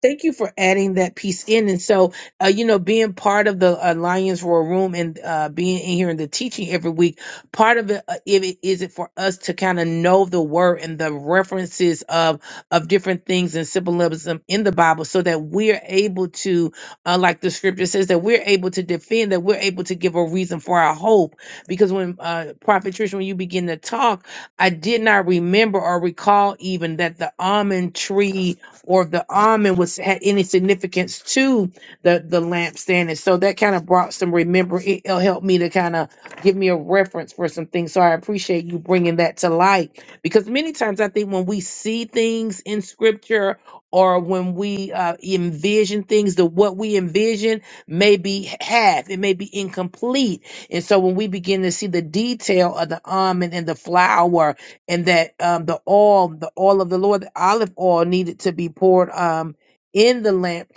Speaker 4: Thank you for adding that piece in. And so, uh, you know, being part of the Alliance Royal Room and uh, being in here in the teaching every week, part of it, uh, if it is it for us to kind of know the word and the references of of different things and symbolism in the Bible, so that we're able to, uh, like the scripture says, that we're able to defend, that we're able to give a reason for our hope. Because when uh, Prophet Trish, when you begin to talk, I did not remember or recall even that the almond tree or if the almond was had any significance to the the lampstand and so that kind of brought some remember it, it'll help me to kind of give me a reference for some things so i appreciate you bringing that to light because many times i think when we see things in scripture or when we uh, envision things the what we envision may be half it may be incomplete and so when we begin to see the detail of the almond and the flower and that um, the oil, the oil of the Lord, the olive oil, needed to be poured um, in the lamp,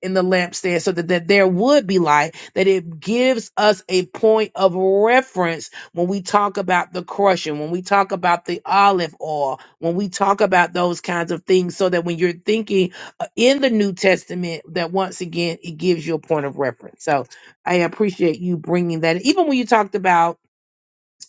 Speaker 4: in the lampstand, so that, that there would be light. That it gives us a point of reference when we talk about the crushing, when we talk about the olive oil, when we talk about those kinds of things, so that when you're thinking uh, in the New Testament, that once again it gives you a point of reference. So I appreciate you bringing that. Even when you talked about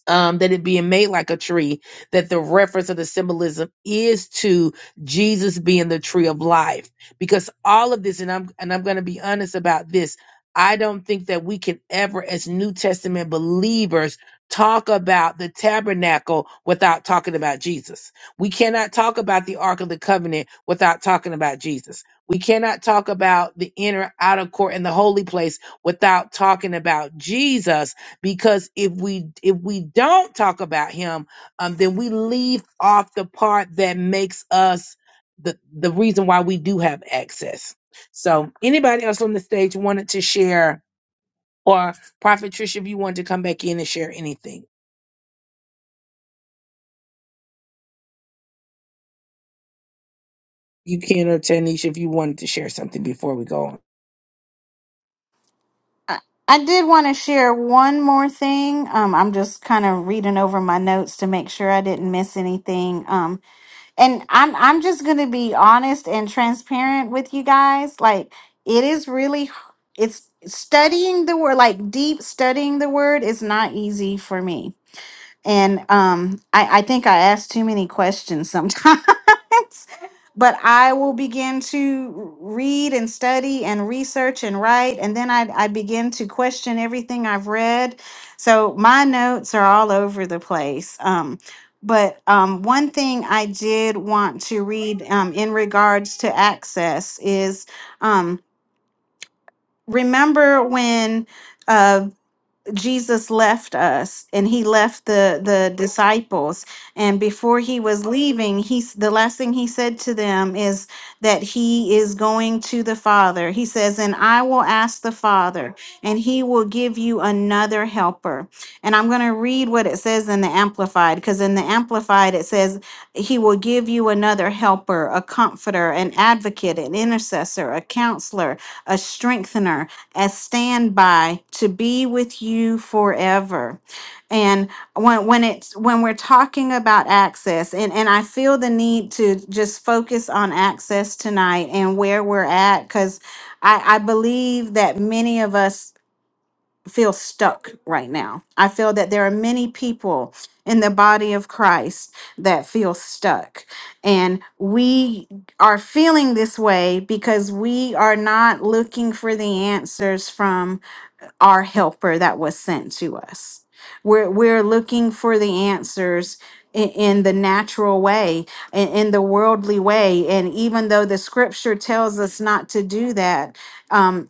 Speaker 4: um, that it being made like a tree, that the reference of the symbolism is to Jesus being the tree of life. Because all of this, and I'm and I'm going to be honest about this, I don't think that we can ever, as New Testament believers, talk about the tabernacle without talking about Jesus. We cannot talk about the Ark of the Covenant without talking about Jesus. We cannot talk about the inner outer court and the holy place without talking about Jesus because if we if we don't talk about him um then we leave off the part that makes us the the reason why we do have access so anybody else on the stage wanted to share or prophet Trisha, if you wanted to come back in and share anything you can or tanisha if you wanted to share something before we go on
Speaker 2: I I did want to share one more thing. Um, I'm just kind of reading over my notes to make sure I didn't miss anything. Um, and I'm I'm just gonna be honest and transparent with you guys. Like it is really h- it's studying the word, like deep studying the word is not easy for me. And um, I, I think I ask too many questions sometimes. but I will begin to read and study and research and write. And then I, I begin to question everything I've read. So my notes are all over the place. Um, but um, one thing I did want to read um, in regards to access is um, remember when. uh, Jesus left us and he left the the disciples and before he was leaving he's the last thing he said to them is that he is going to the father he says and I will ask the father and he will give you another helper and I'm going to read what it says in the amplified because in the amplified it says he will give you another helper a comforter an advocate an intercessor a counselor a strengthener as standby to be with you forever. And when when it's when we're talking about access, and, and I feel the need to just focus on access tonight and where we're at, because I, I believe that many of us feel stuck right now. I feel that there are many people in the body of Christ that feel stuck. And we are feeling this way because we are not looking for the answers from our helper that was sent to us. We're, we're looking for the answers in, in the natural way, in, in the worldly way. And even though the scripture tells us not to do that, um,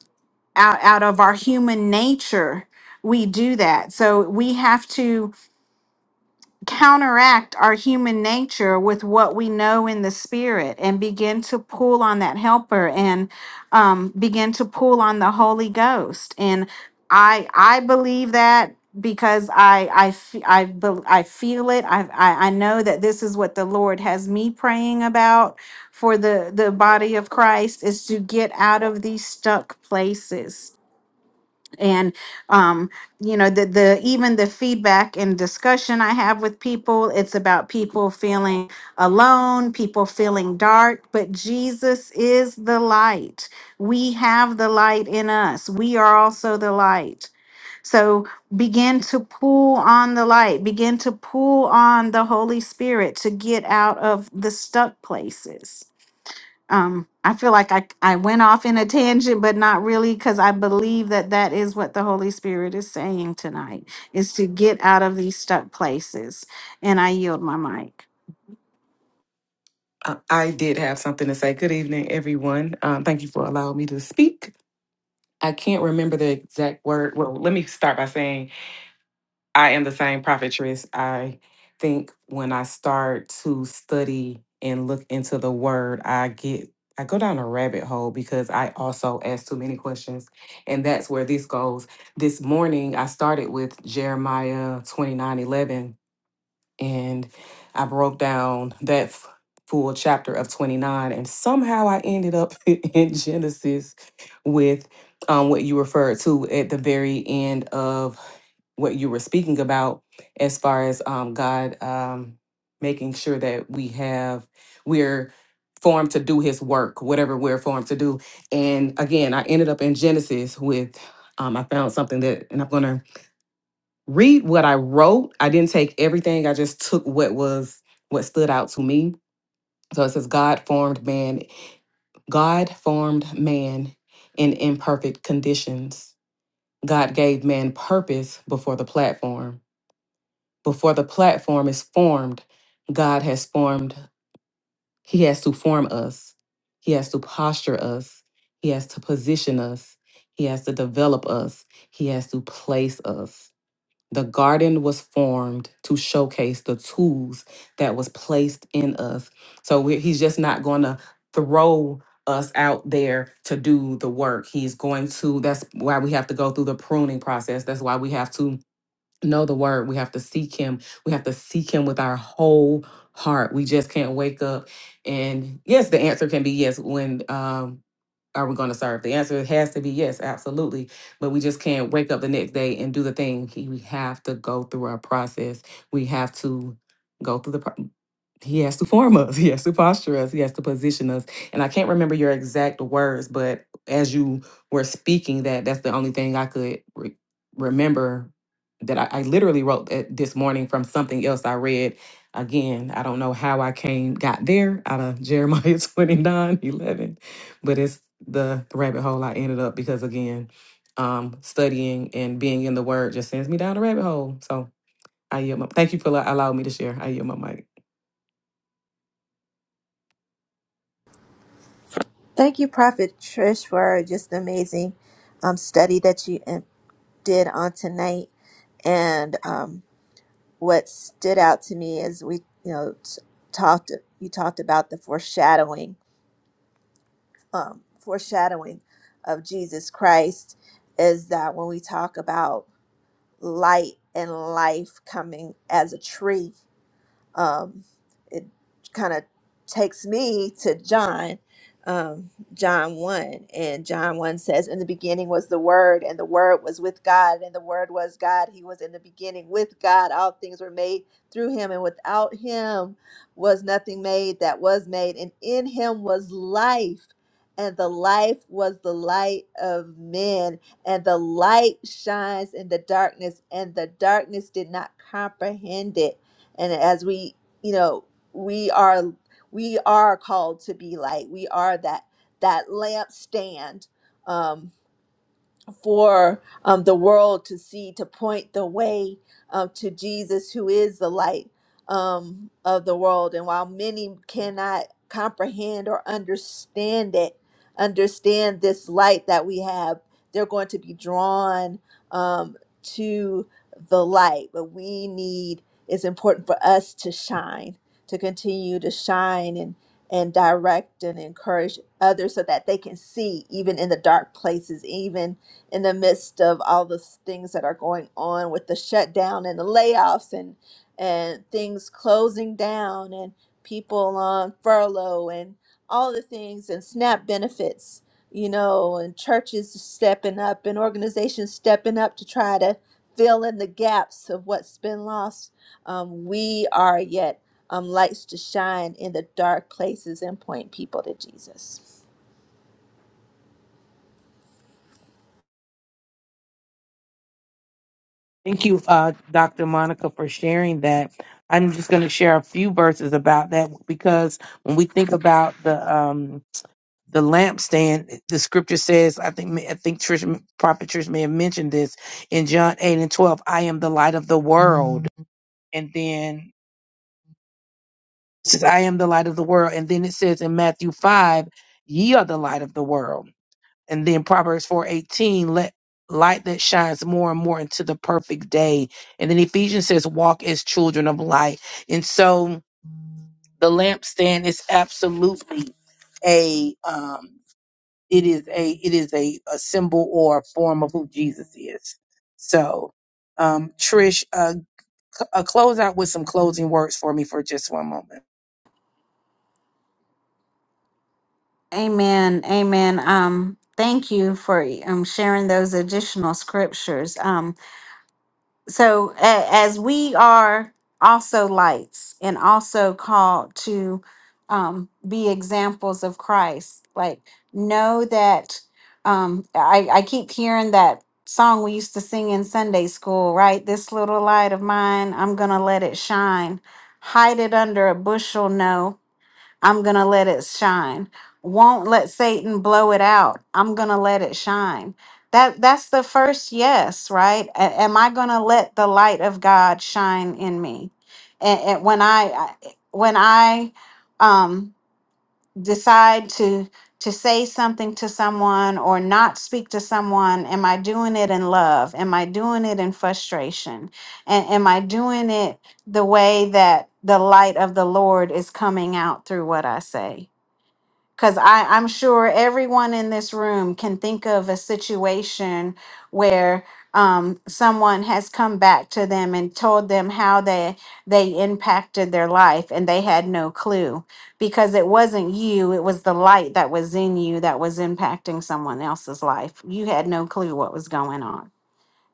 Speaker 2: out out of our human nature we do that so we have to counteract our human nature with what we know in the spirit and begin to pull on that helper and um, begin to pull on the holy ghost and i i believe that because i i f- i, bel- I feel it I, I i know that this is what the lord has me praying about for the the body of christ is to get out of these stuck places and um you know the the even the feedback and discussion i have with people it's about people feeling alone people feeling dark but jesus is the light we have the light in us we are also the light so begin to pull on the light begin to pull on the holy spirit to get out of the stuck places um i feel like i i went off in a tangent but not really because i believe that that is what the holy spirit is saying tonight is to get out of these stuck places and i yield my mic
Speaker 5: Uh, I did have something to say. Good evening, everyone. Um, thank you for allowing me to speak. I can't remember the exact word. Well, let me start by saying I am the same prophetess. I think when I start to study and look into the word, I get I go down a rabbit hole because I also ask too many questions. And that's where this goes. This morning I started with Jeremiah twenty nine eleven and I broke down that f- full chapter of 29 and somehow I ended up in Genesis with um, what you referred to at the very end of what you were speaking about as far as um, God um, making sure that we have we're formed to do his work whatever we're formed to do and again I ended up in Genesis with um, I found something that and I'm going to read what I wrote. I didn't take everything. I just took what was what stood out to me. So it says God formed man, God formed man in imperfect conditions. God gave man purpose before the platform. Before the platform is formed, God has formed, he has to form us. He has to posture us. He has to position us. He has to develop us. He has to place us. The garden was formed to showcase the tools that was placed in us. So we, he's just not going to throw us out there to do the work. He's going to, that's why we have to go through the pruning process. That's why we have to know the word. We have to seek him. We have to seek him with our whole heart. We just can't wake up. And yes, the answer can be yes when um, are we going to serve? The answer has to be yes, absolutely. But we just can't wake up the next day and do the thing. He- We have to go through our process. We have to go through the process he has to form us he has to posture us he has to position us and i can't remember your exact words but as you were speaking that that's the only thing i could re- remember that I, I literally wrote that this morning from something else i read again i don't know how i came got there out of jeremiah 29 11, but it's the rabbit hole i ended up because again um studying and being in the word just sends me down a rabbit hole so I yield my, thank you for allow- allowing me to share. I yield my mic.
Speaker 3: Thank you, Prophet Trish, for just the amazing um, study that you um, did on tonight. And um, what stood out to me is we, you know, t- talked. You talked about the foreshadowing, um, foreshadowing of Jesus Christ. Is that when we talk about light and life coming as a tree? um, it kind of takes me to John, um, John 1. And John 1 says, In the beginning was the Word, and the Word was with God, and the Word was God. He was in the beginning with God. All things were made through him, and without him was nothing made that was made. And in him was life. And the life was the light of men, and the light shines in the darkness, and the darkness did not comprehend it and as we you know we are we are called to be light we are that that lampstand Um, for um, the world to see, to point the way uh, to Jesus, who is the light um, of the world. And while many cannot comprehend or understand it, understand this light that we have, they're going to be drawn um, to the light. But we need, it's important for us to shine, to continue to shine and and direct and encourage others so that they can see even in the dark places, even in the midst of all the things that are going on with the shutdown and the layoffs and and things closing down and people on furlough and all the things and SNAP benefits, you know, and churches stepping up and organizations stepping up to try to fill in the gaps of what's been lost. Um, we are yet um, lights to shine in the dark places and point people to Jesus.
Speaker 4: Thank you, uh, Dr. Monica, for sharing that. I'm just going to share a few verses about that because when we think about the um, the lampstand, the scripture says, I think I think Trish, Prophet Trish may have mentioned this in John 8 and 12. I am the light of the world, and then it says, I am the light of the world, and then it says in Matthew 5, Ye are the light of the world. And then Proverbs 4:18, let light that shines more and more into the perfect day. And then Ephesians says, walk as children of light. And so the lampstand is absolutely a um it is a it is a, a symbol or a form of who Jesus is. So um Trish, uh, c- uh close out with some closing words for me for just one moment.
Speaker 2: amen amen um thank you for um sharing those additional scriptures Um. so a- as we are also lights and also called to um, be examples of christ like know that um, I, I keep hearing that song we used to sing in sunday school right this little light of mine i'm gonna let it shine hide it under a bushel no I'm going to let it shine. Won't let Satan blow it out. I'm going to let it shine. That that's the first yes, right? A- am I going to let the light of God shine in me? And, and when I I- when I um decide to to say something to someone or not speak to someone am i doing it in love am i doing it in frustration and am i doing it the way that the light of the lord is coming out through what i say because I am sure everyone in this room can think of a situation where um, someone has come back to them and told them how they they impacted their life and they had no clue because it wasn't you it was the light that was in you that was impacting someone else's life you had no clue what was going on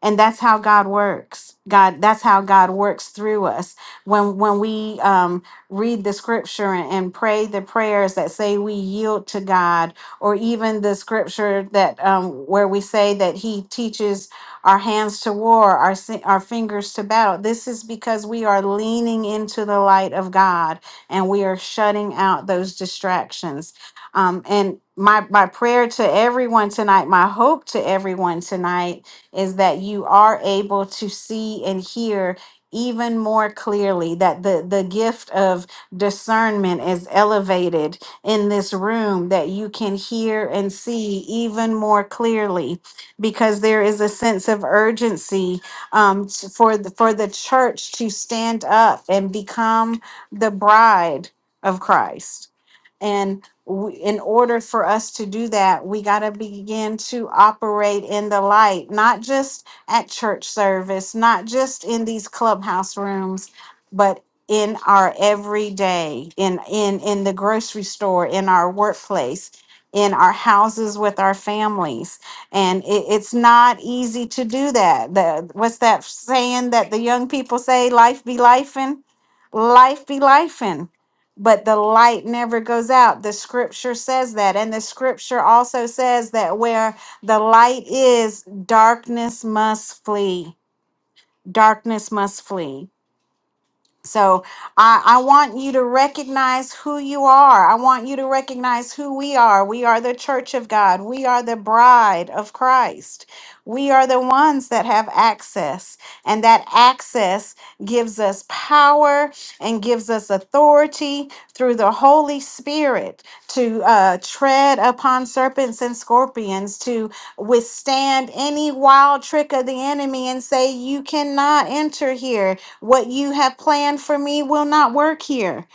Speaker 2: and that's how god works god that's how god works through us when when we um, read the scripture and, and pray the prayers that say we yield to god or even the scripture that um, where we say that he teaches our hands to war our si- our fingers to battle this is because we are leaning into the light of god and we are shutting out those distractions um, and my my prayer to everyone tonight my hope to everyone tonight is that you are able to see and hear even more clearly that the the gift of discernment is elevated in this room that you can hear and see even more clearly because there is a sense of urgency um, s- for the, for the church to stand up and become the bride of Christ and we, in order for us to do that, we got to begin to operate in the light, not just at church service, not just in these clubhouse rooms, but in our everyday, in in in the grocery store, in our workplace, in our houses with our families. And it, it's not easy to do that. The what's that saying that the young people say? Life be lifing, life be lifing but the light never goes out. The scripture says that. And the scripture also says that where the light is, darkness must flee. Darkness must flee. So I, I want you to recognize who you are. I want you to recognize who we are. We are the church of God. We are the bride of Christ. We are the ones that have access, and that access gives us power and gives us authority through the Holy Spirit to uh, tread upon serpents and scorpions, to withstand any wild trick of the enemy and say, You cannot enter here what you have planned for me will not work here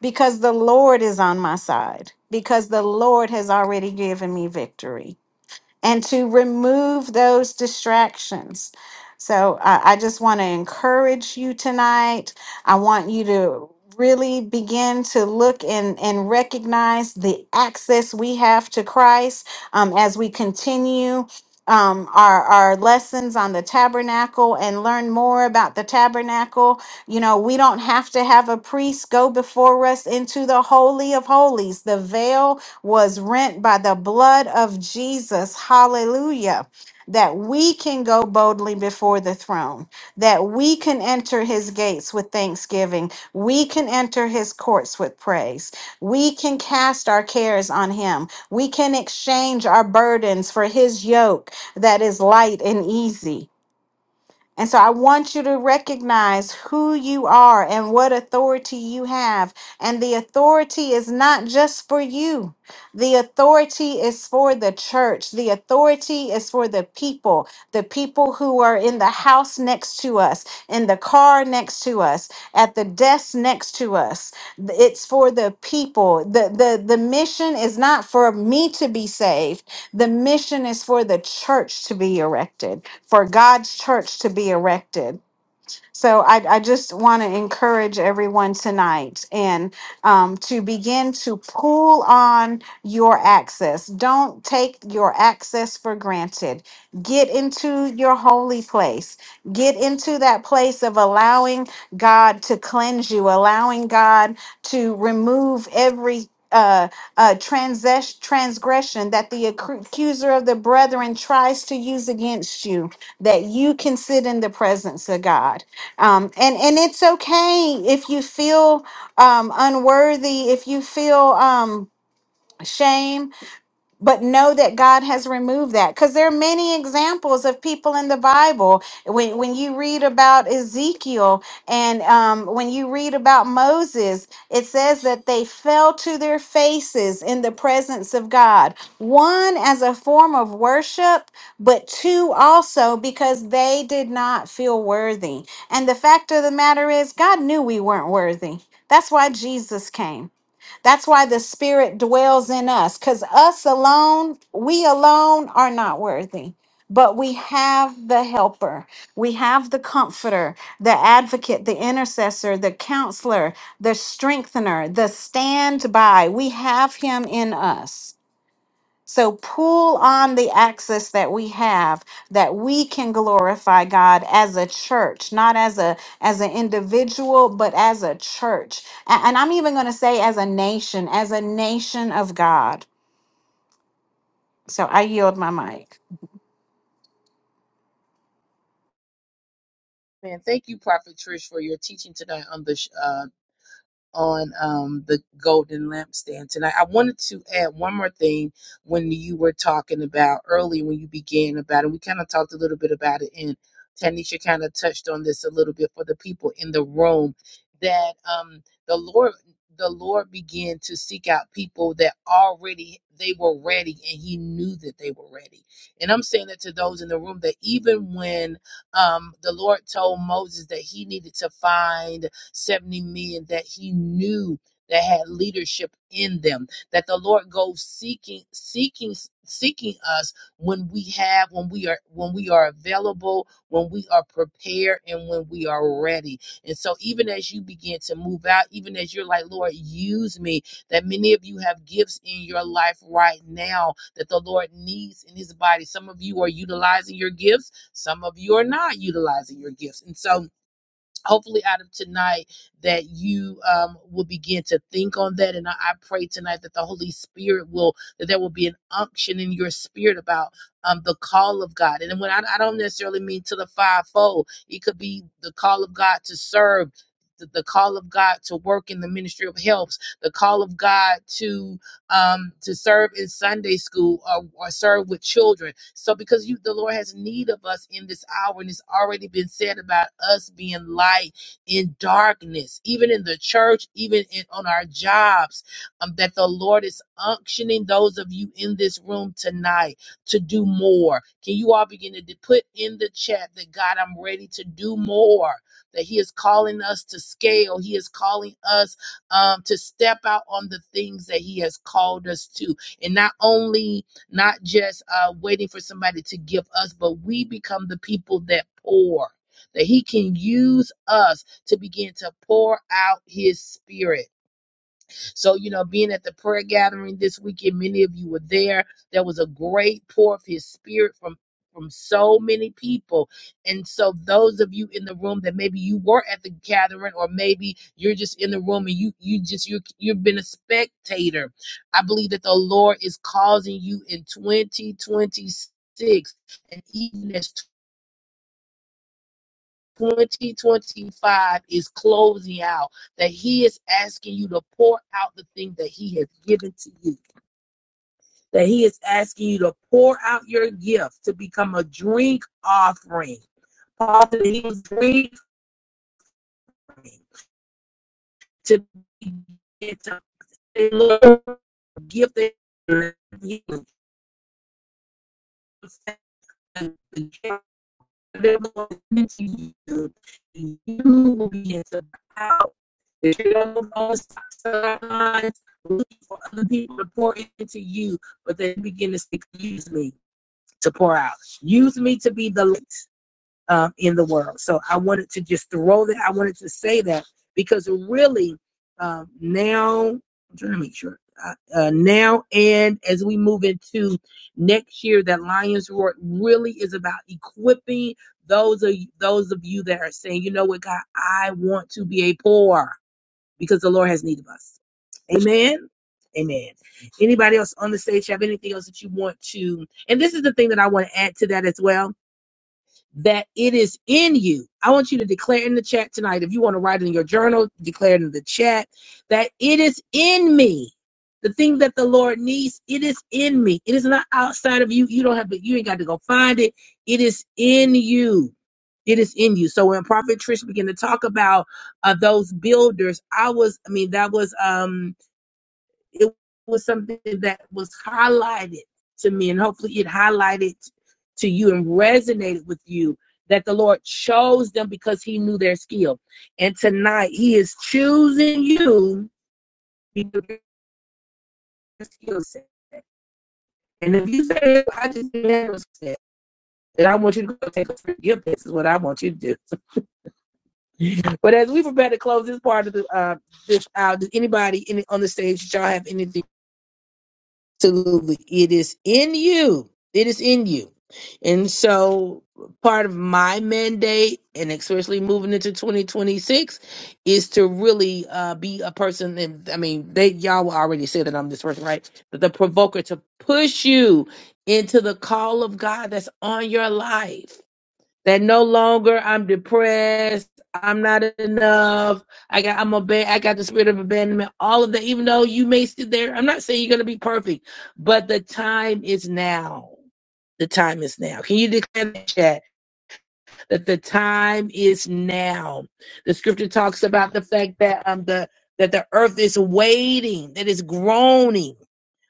Speaker 2: because the Lord is on my side, because the Lord has already given me victory and to remove those distractions. So I, I just want to encourage you tonight. I want you to really begin to look and, and recognize the access we have to Christ um, as we continue. Um, our, our lessons on the tabernacle and learn more about the tabernacle. You know, we don't have to have a priest go before us into the Holy of Holies. The veil was rent by the blood of Jesus. Hallelujah. That we can go boldly before the throne, that we can enter his gates with thanksgiving, we can enter his courts with praise, we can cast our cares on him, we can exchange our burdens for his yoke that is light and easy. And so I want you to recognize who you are and what authority you have. And the authority is not just for you, the authority is for the church, the authority is for the people, the people who are in the house next to us, in the car next to us, at the desk next to us. It's for the people. The, the, the mission is not for me to be saved. The mission is for the church to be erected, for God's church to be erected. So I, I just want to encourage everyone tonight and um, to begin to pull on your access. Don't take your access for granted. Get into your holy place. Get into that place of allowing God to cleanse you, allowing God to remove every uh, uh, transes- transgression that the accu- accuser of the brethren tries to use against you, that you can sit in the presence of God um, and and it's okay if you feel um, unworthy, if you feel um, shame, but know that God has removed that because there are many examples of people in the Bible. When when you read about Ezekiel and um, when you read about Moses, it says that they fell to their faces in the presence of God. One as a form of worship, but two also because they did not feel worthy. And the fact of the matter is, God knew we weren't worthy. That's why Jesus came. That's why the Spirit dwells in us, because us alone, we alone are not worthy. But we have the helper, we have the comforter, the advocate, the intercessor, the counselor, the strengthener, the standby. We have him in us. So pull on the access that we have that we can glorify God as a church, not as a as an individual, but as a church. A- And, I'm even going to say as a nation, as a nation of God. So I yield my mic.
Speaker 4: Man, thank you, Prophet Trish, for your teaching tonight on the show. on um, the golden lampstand tonight. I wanted to add one more thing when you were talking about early when you began about it. We kind of talked a little bit about it, and Tanisha kind of touched on this a little bit for the people in the room that um, the Lord. The Lord began to seek out people that already they were ready and he knew that they were ready. And I'm saying that to those in the room that even when um, the Lord told Moses that he needed to find 70 men that he knew that had leadership in them that the lord goes seeking seeking seeking us when we have when we are when we are available when we are prepared and when we are ready and so even as you begin to move out even as you're like lord use me that many of you have gifts in your life right now that the lord needs in his body some of you are utilizing your gifts some of you are not utilizing your gifts and so hopefully out of tonight that you um, will begin to think on that and I, I pray tonight that the holy spirit will that there will be an unction in your spirit about um, the call of god and when I, I don't necessarily mean to the fivefold it could be the call of god to serve the, the call of god to work in the ministry of helps the call of god to um, to serve in Sunday school or, or serve with children. So because you, the Lord has need of us in this hour, and it's already been said about us being light in darkness, even in the church, even in, on our jobs, um, that the Lord is unctioning those of you in this room tonight to do more. Can you all begin to d- put in the chat that God, I'm ready to do more. That He is calling us to scale. He is calling us um, to step out on the things that He has called us to. And not only, not just uh, waiting for somebody to give us, but we become the people that pour, that He can use us to begin to pour out His Spirit so, you know, being at the prayer gathering this weekend, many of you were there. There was a great pour of his spirit from from so many people. And so those of you in the room that maybe you were at the gathering or maybe you're just in the room and you you just you you've been a spectator. I believe that the Lord is causing you in 2026 and even as 2025 is closing out that he is asking you to pour out the thing that he has given to you. that He is asking you to pour out your gift to become a drink offering. Paul said he was drinking to get to a gift that he was to you. You will begin to out. you don't go stop sidelines looking for other people to pour into you, but then begin to say, use me to pour out. Use me to be the light. um, in the world. So I wanted to just throw that. I wanted to say that because really um, now I'm trying to make sure. Uh, uh, now and as we move into next year, that Lions Roar really is about equipping those of those of you that are saying, you know what, God, I want to be a poor because the Lord has need of us. Amen. Amen. Anybody else on the stage have anything else that you want to? And this is the thing that I want to add to that as well that it is in you. I want you to declare in the chat tonight. If you want to write it in your journal, declare it in the chat that it is in me. The thing that the Lord needs, it is in me. It is not outside of you. You don't have to, you ain't got to go find it. It is in you. It is in you. So when Prophet Trish began to talk about uh, those builders, I was, I mean, that was um it was something that was highlighted to me, and hopefully it highlighted to you and resonated with you that the Lord chose them because He knew their skill. And tonight He is choosing you because of your skill set. And if you say, I just never said, and I want you to go take a free This is what I want you to do. But as we prepare to close this part of the uh, this out, uh, does anybody any, on the stage, y'all have anything? Absolutely. It is in you. It is in you. And so part of my mandate, and especially moving into 2026, is to really uh, be a person. And I mean, they y'all already said that I'm this person, right? But the provoker to push you into the call of God that's on your life that no longer I'm depressed, I'm not enough, I got I'm aban- I got the spirit of abandonment, all of that, even though you may sit there. I'm not saying you're gonna be perfect, but the time is now. The time is now. Can you declare that chat that the time is now? The scripture talks about the fact that um the that the earth is waiting, that is groaning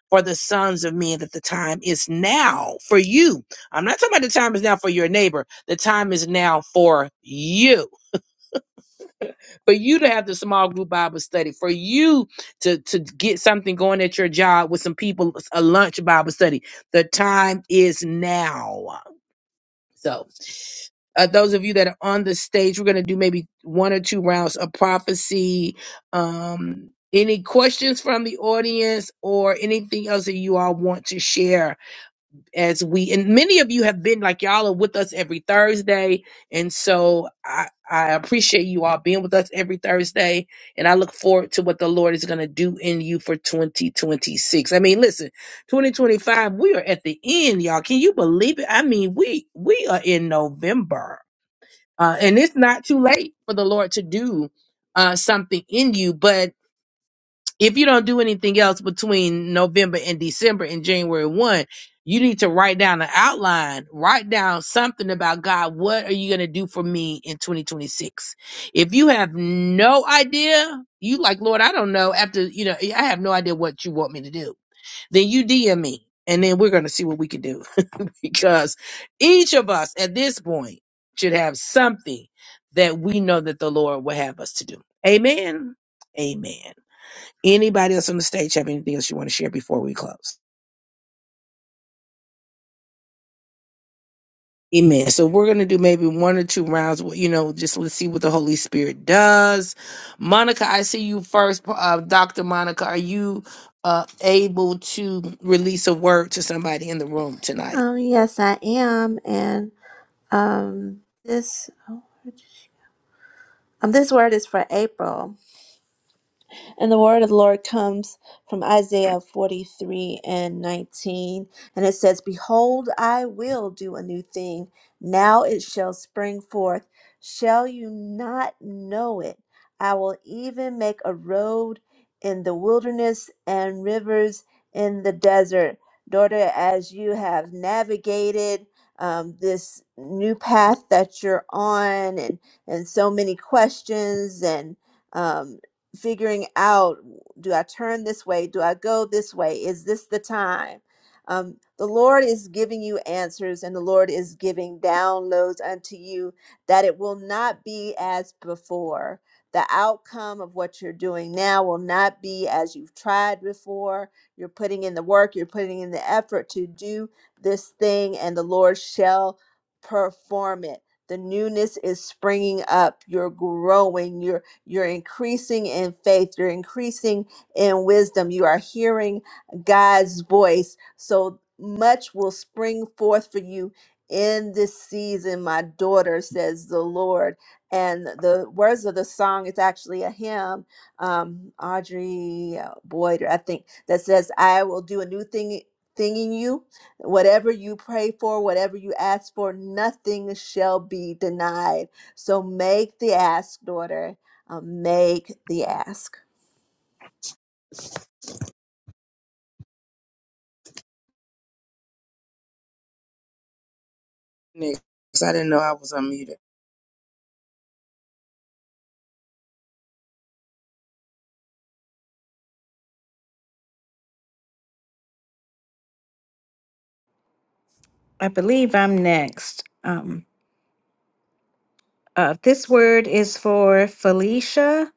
Speaker 4: for the sons of men that the time is now for you. I'm not talking about the time is now for your neighbor. The time is now for you. For you to have the small group Bible study, for you to, to get something going at your job with some people, a lunch Bible study. The time is now. So, uh, those of you that are on the stage, we're going to do maybe one or two rounds of prophecy. Um, any questions from the audience or anything else that you all want to share? as we and many of you have been like y'all are with us every Thursday, and so I I appreciate you all being with us every Thursday, and I look forward to what the Lord is going to do in you for 2026. I mean, listen, 2025, we are at the end, y'all. Can you believe it? I mean, we we are in November, uh, and it's not too late for the Lord to do uh, something in you, but if you don't do anything else between November and December and January 1, you need to write down an outline, write down something about God, what are you going to do for me in 2026? If you have no idea, you like, Lord, I don't know after, you know, I have no idea what you want me to do. Then you DM me and then we're going to see what we can do because each of us at this point should have something that we know that the Lord will have us to do. Amen. Amen. Anybody else on the stage have anything else you want to share before we close? Amen. So we're going to do maybe one or two rounds. You know, just let's see what the Holy Spirit does. Monica, I see you first. Uh, Dr. Monica, are you uh, able to release a word to somebody in the room tonight?
Speaker 3: Um, yes, I am, and. Um, this oh, where did she- um, this word is for April. And the word of the Lord comes from Isaiah 43 and 19. And it says, Behold, I will do a new thing. Now it shall spring forth. Shall you not know it? I will even make a road in the wilderness and rivers in the desert. Daughter, as you have navigated um, this new path that you're on, and, and so many questions and um, figuring out do I turn this way? Do I go this way? Is this the time? Um, the Lord is giving you answers and the Lord is giving downloads unto you that it will not be as before. The outcome of what you're doing now will not be as you've tried before. You're putting in the work, you're putting in the effort to do this thing, and the Lord shall perform it. The newness is springing up. You're growing. You're you're increasing in faith. You're increasing in wisdom. You are hearing God's voice. So much will spring forth for you in this season, my daughter, says the Lord. And the words of the song its actually a hymn, um, Audrey uh, Boyd, I think, that says, I will do a new thing, thing in you. Whatever you pray for, whatever you ask for, nothing shall be denied. So make the ask, daughter uh, make the ask.
Speaker 4: Next, I didn't know I was unmuted.
Speaker 2: I believe I'm next. Um, uh, this word is for Felicia.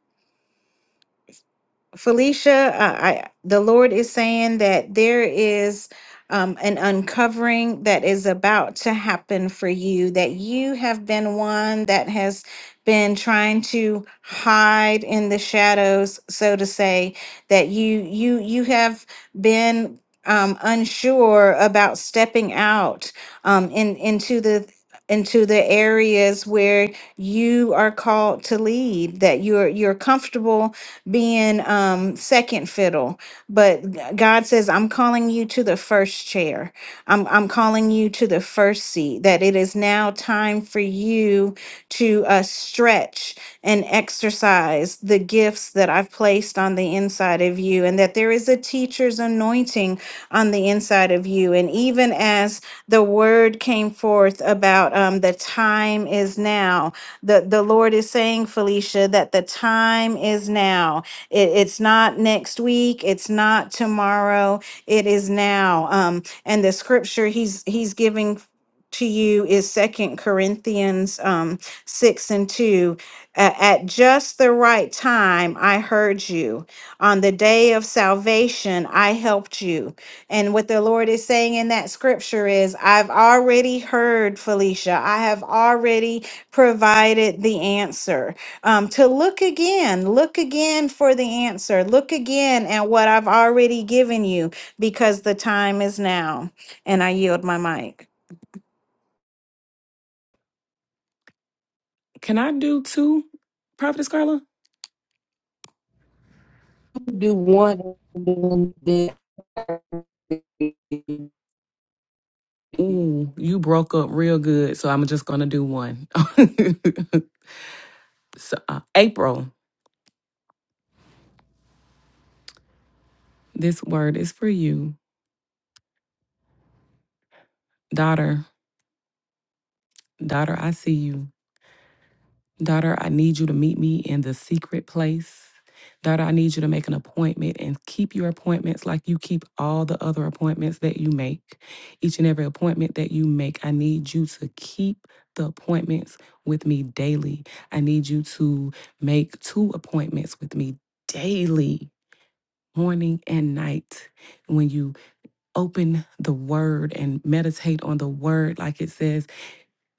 Speaker 2: Felicia, I, I the Lord is saying that there is um, an uncovering that is about to happen for you. That you have been one that has been trying to hide in the shadows, so to say. That you you you have been um, unsure about stepping out um, in into the into the areas where you are called to lead, that you're you're comfortable being um, second fiddle, but g- God says, "I'm calling you to the first chair. I'm I'm calling you to the first seat. That it is now time for you to uh, stretch and exercise the gifts that I've placed on the inside of you, and that there is a teacher's anointing on the inside of you. And even as the word came forth about um, the time is now, the, the Lord is saying, Felicia, that the time is now. It, it's not next week. It's not tomorrow. It is now. Um, and the scripture he's, he's giving to you is second corinthians um, 6 and 2 "A- at just the right time i heard you on the day of salvation i helped you and what the Lord is saying in that scripture is, I've already heard, Felicia. I have already provided the answer. Um, to look again, look again for the answer. Look again at what I've already given you because the time is now. And I yield my mic.
Speaker 5: Can I do two, Prophetess Carla?
Speaker 4: Do one. and then-
Speaker 5: Ooh, you broke up real good, so I'm just gonna do one. so, uh, April, this word is for you, daughter. Daughter, I see you. Daughter, I need you to meet me in the secret place. Daughter, I need you to make an appointment and keep your appointments like you keep all the other appointments that you make. Each and every appointment that you make, I need you to keep the appointments with me daily. I need you to make two appointments with me daily, morning and night. When you open the word and meditate on the word, like it says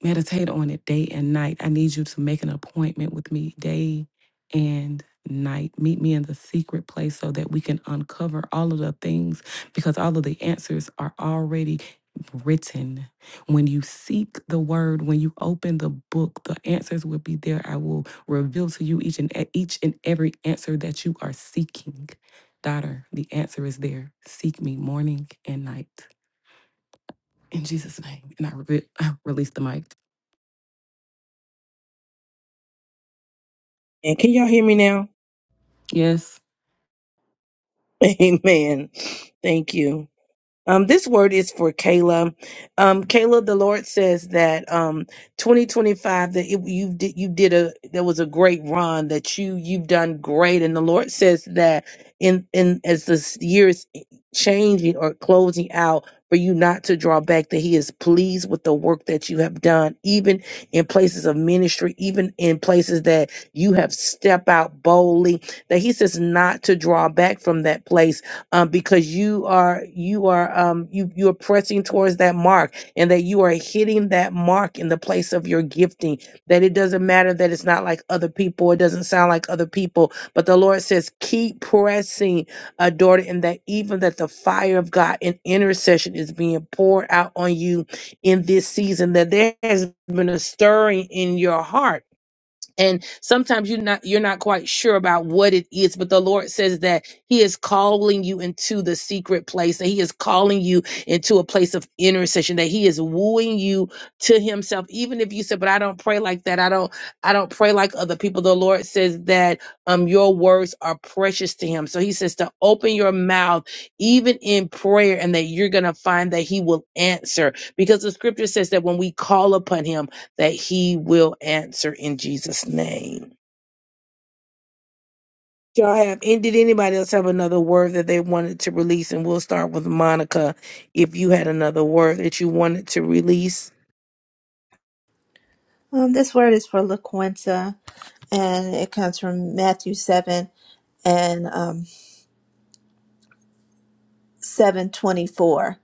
Speaker 5: Meditate on it day and night. I need you to make an appointment with me day and night. Meet me in the secret place so that we can uncover all of the things because all of the answers are already written. When you seek the word, when you open the book, the answers will be there. I will reveal to you each and e- each and every answer that you are seeking. Daughter, the answer is there. Seek me morning and night. In Jesus' name. And I, re- I release the mic.
Speaker 4: And can y'all hear me now?
Speaker 5: Yes.
Speaker 4: Amen. Thank you. Um, this word is for Kayla. Um, Kayla, the Lord says that um, 2025 that it, you did you did a there was a great run that you you've done great, and the Lord says that in in as this year is changing or closing out for you not to draw back that He is pleased with the work that you have done, even in places of ministry, even in places that you have stepped out boldly. That He says not to draw back from that place um, because you are you are um, you you are pressing towards that mark and that you are hitting that mark in the place of your gifting that it doesn't matter that it's not like other people it doesn't sound like other people but the lord says keep pressing uh, daughter and that even that the fire of god in intercession is being poured out on you in this season that there has been a stirring in your heart and sometimes you're not you're not quite sure about what it is but the lord says that he is calling you into the secret place that he is calling you into a place of intercession that he is wooing you to himself even if you said but i don't pray like that i don't i don't pray like other people the lord says that um your words are precious to him so he says to open your mouth even in prayer and that you're gonna find that he will answer because the scripture says that when we call upon him that he will answer in Jesus' name. Y'all have and did anybody else have another word that they wanted to release? And we'll start with Monica. If you had another word that you wanted to release.
Speaker 3: Um, this word is for LaQuenta, and it comes from Matthew 7 and um, 724.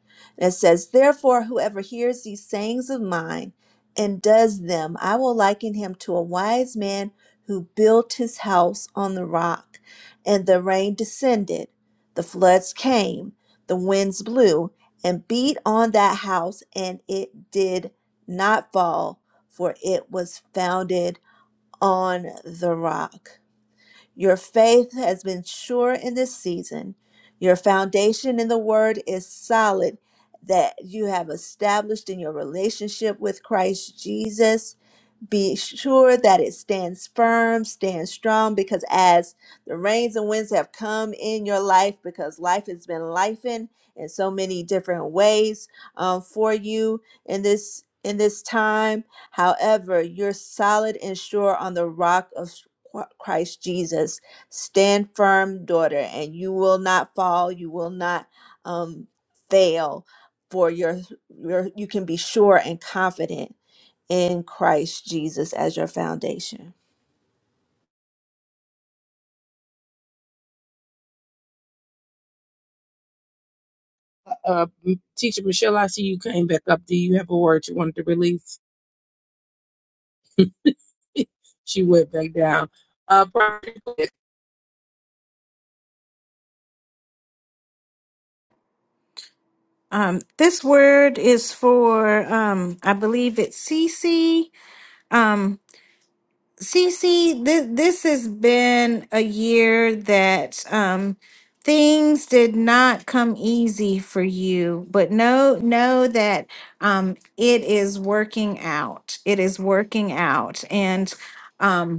Speaker 3: it says, Therefore, whoever hears these sayings of mine and does them, I will liken him to a wise man who built his house on the rock. And the rain descended, the floods came, the winds blew, and beat on that house, and it did not fall, for it was founded on the rock. Your faith has been sure in this season. Your foundation in the word is solid that you have established in your relationship with Christ Jesus be sure that it stands firm, stands strong, because as the rains and winds have come in your life, because life has been life in so many different ways um, for you in this in this time. However, you're solid and sure on the rock of Christ Jesus. Stand firm, daughter, and you will not fall. You will not um, fail. For your, your, you can be sure and confident in Christ Jesus as your foundation.
Speaker 4: Uh teacher Michelle, I see you came back up. Do you have a word you wanted to release? she went back down. Uh,
Speaker 2: Um, this word is for, um, I believe it's Cece. Um, Cece, this this has been a year that um things did not come easy for you, but know know that um it is working out. It is working out. And um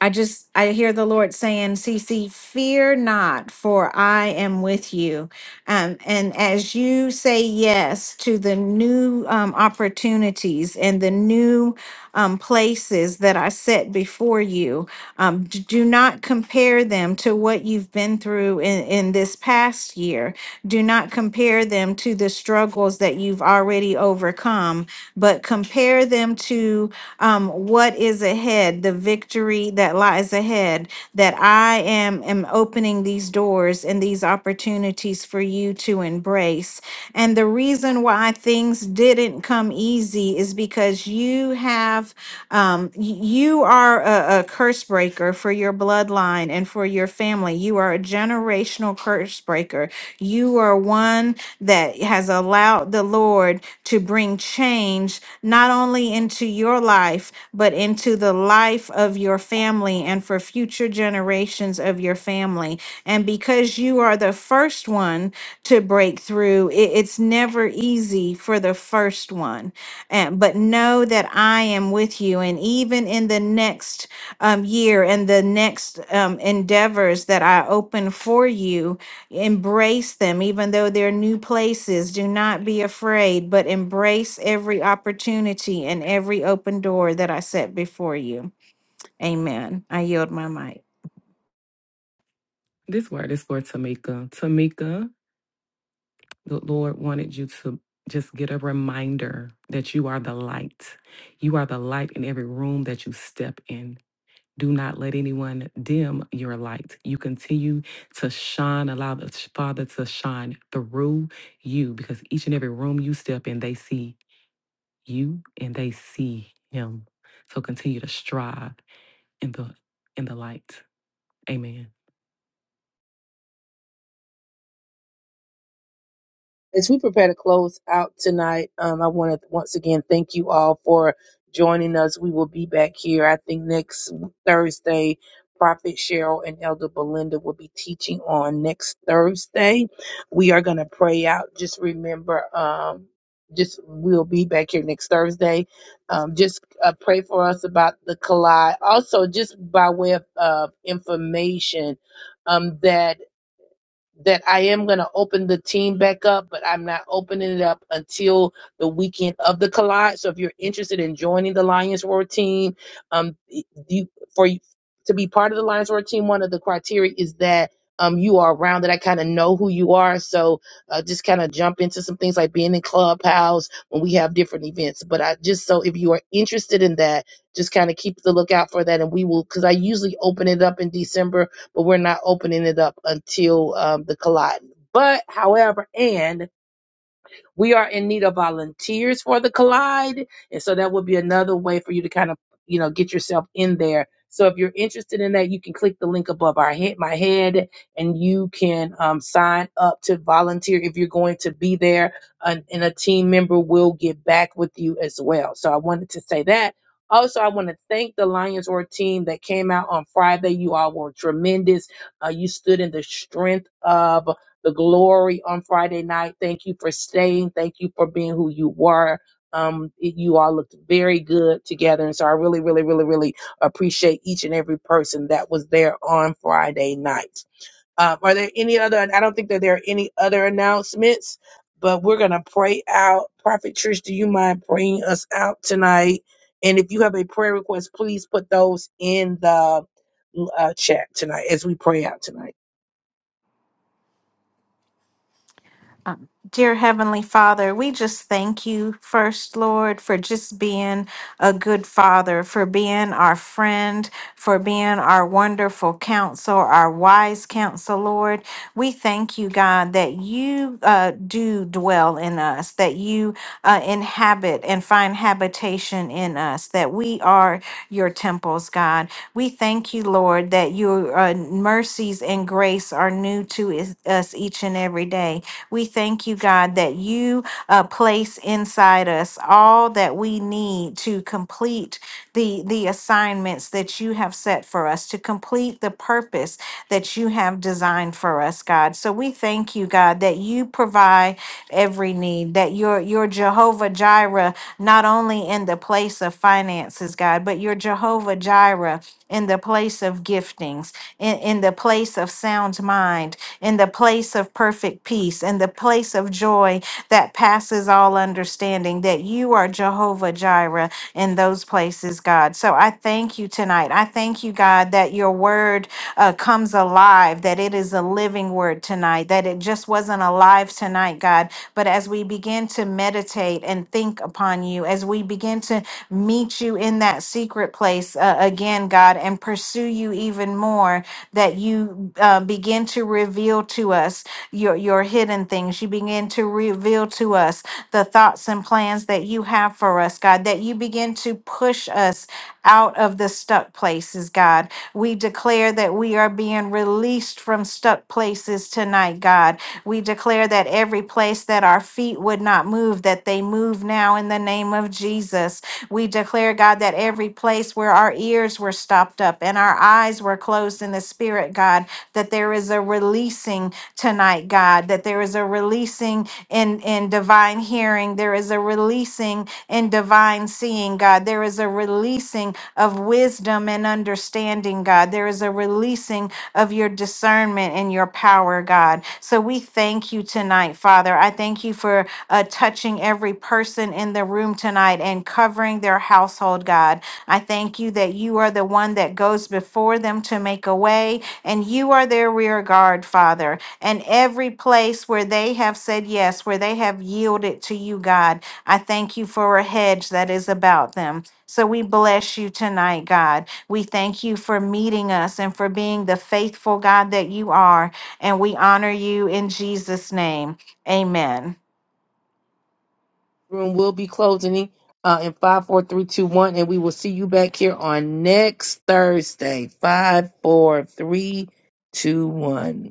Speaker 2: I just I hear the Lord saying, "Cece, fear not, for I am with you." Um, and as you say yes to the new um, opportunities and the new um, places that I set before you, um, d- do not compare them to what you've been through in, in this past year. Do not compare them to the struggles that you've already overcome, but compare them to um, what is ahead, the victory that lies ahead. That I am, am opening these doors and these opportunities for you to embrace. And the reason why things didn't come easy is because you have um, y- you are a, a curse breaker for your bloodline and for your family. You are a generational curse breaker. You are one that has allowed the Lord to bring change not only into your life, but into the life of your family and for future generations of your family. And because you are the first one to break through, it- it's never easy for the first one. And, but know that I am with you. And even in the next um, year and the next um, endeavors that I open for you, embrace them, even though they're new places. Do not be afraid, but embrace every opportunity and every open door that I set before you. Amen. I yield my mic.
Speaker 5: This word is for Tamika. Tamika, the Lord wanted you to just get a reminder that you are the light. You are the light in every room that you step in. Do not let anyone dim your light. You continue to shine. Allow the Father to shine through you because each and every room you step in, they see you and they see Him. So continue to strive in the in the light. Amen.
Speaker 4: As we prepare to close out tonight, um, I want to once again thank you all for joining us. We will be back here, I think, next Thursday. Prophet Cheryl and Elder Belinda will be teaching on next Thursday. We are going to pray out. Just remember, um, just we'll be back here next Thursday. Um, just uh, pray for us about the collide. Also, just by way of uh, information, um, that that I am going to open the team back up, but I'm not opening it up until the weekend of the collide. So if you're interested in joining the Lions Roar team, um, you, for to be part of the Lions Roar team, one of the criteria is that um, you are around that I kind of know who you are. So uh, just kind of jump into some things like being in clubhouse when we have different events. But I just so if you are interested in that, just kind of keep the lookout for that, and we will because I usually open it up in December but we're not opening it up until um, the collide. But however, and we are in need of volunteers for the Collide. And so that would be another way for you to kind of, you know, get yourself in there. So if you're interested in that, you can click the link above our head, my head, and you can um, sign up to volunteer if you're going to be there. And, and a team member will get back with you as well. So I wanted to say that. Also, I want to thank the Lions Roar team that came out on Friday. You all were tremendous. Uh, you stood in the strength of the glory on Friday night. Thank you for staying. Thank you for being who you were. Um, it- you all looked very good together. And so I really, really, really, really appreciate each and every person that was there on Friday night. Um, are there any other, I don't think that there are any other announcements, but we're going to pray out. Prophet Trish, do you mind praying us out tonight? And if you have a prayer request, please put those in the uh, chat tonight as we pray out tonight.
Speaker 2: Um, Dear Heavenly Father, we just thank you first, Lord, for just being a good father, for being our friend, for being our wonderful counsel, our wise counsel, Lord. We thank you, God, that you uh, do dwell in us, that you uh, inhabit and find habitation in us, that we are your temples, God. We thank you, Lord, that your uh, mercy mercies and grace are new to is- us each and every day. We thank you, God, that you uh, place inside us all that we need to complete the, the assignments that you have set for us, to complete the purpose that you have designed for us, God. So we thank you, God, that you provide every need, that you're, you're Jehovah Jireh, not only in the place of finances, places, God, but you're Jehovah Jireh in the place of giftings, in, in the place of sound mind, in the place of perfect peace, in the place of joy that passes all understanding, that you are Jehovah Jireh in those places, God. So I thank you tonight. I thank you, God, that your word uh, comes alive, that it is a living word tonight, that it just wasn't alive tonight, God. But as we begin begin to meditate and think upon you, as we begin to meet you in that secret place uh, again, God, and pursue you even more, that you uh, begin to reveal to us your, your hidden things. You begin to reveal to us the thoughts and plans that you have for us, God, that you begin to push us out of the stuck places, God. We declare that we are being released from stuck places tonight, God. We declare that every place that our feet would not move, that they move now in the name of Jesus. We declare, God, that every place where our ears were stopped up and our eyes were closed in the spirit, God, that there is a releasing tonight, God, that there is a releasing in, in divine hearing, there is a releasing in divine seeing, God, there is a releasing of wisdom wisdom and understanding, God. There is a releasing of your discernment and your power, God. So we thank you tonight, Father. I thank you for uh, touching every person in the room tonight and covering their household, God. I thank you that you are the one that goes before them to make a way, and you are their rear guard, Father. And every place where they have said yes, where they have yielded to you, God, I thank you for a hedge that is about them. So we bless you tonight, God. We thank you for meeting us and for being the faithful God that you are. And we honor you in Jesus' name. Amen.
Speaker 4: room will be closing uh, in five, four, three, two, one, and we will see you back here on next Thursday. Five, four, three, two, one.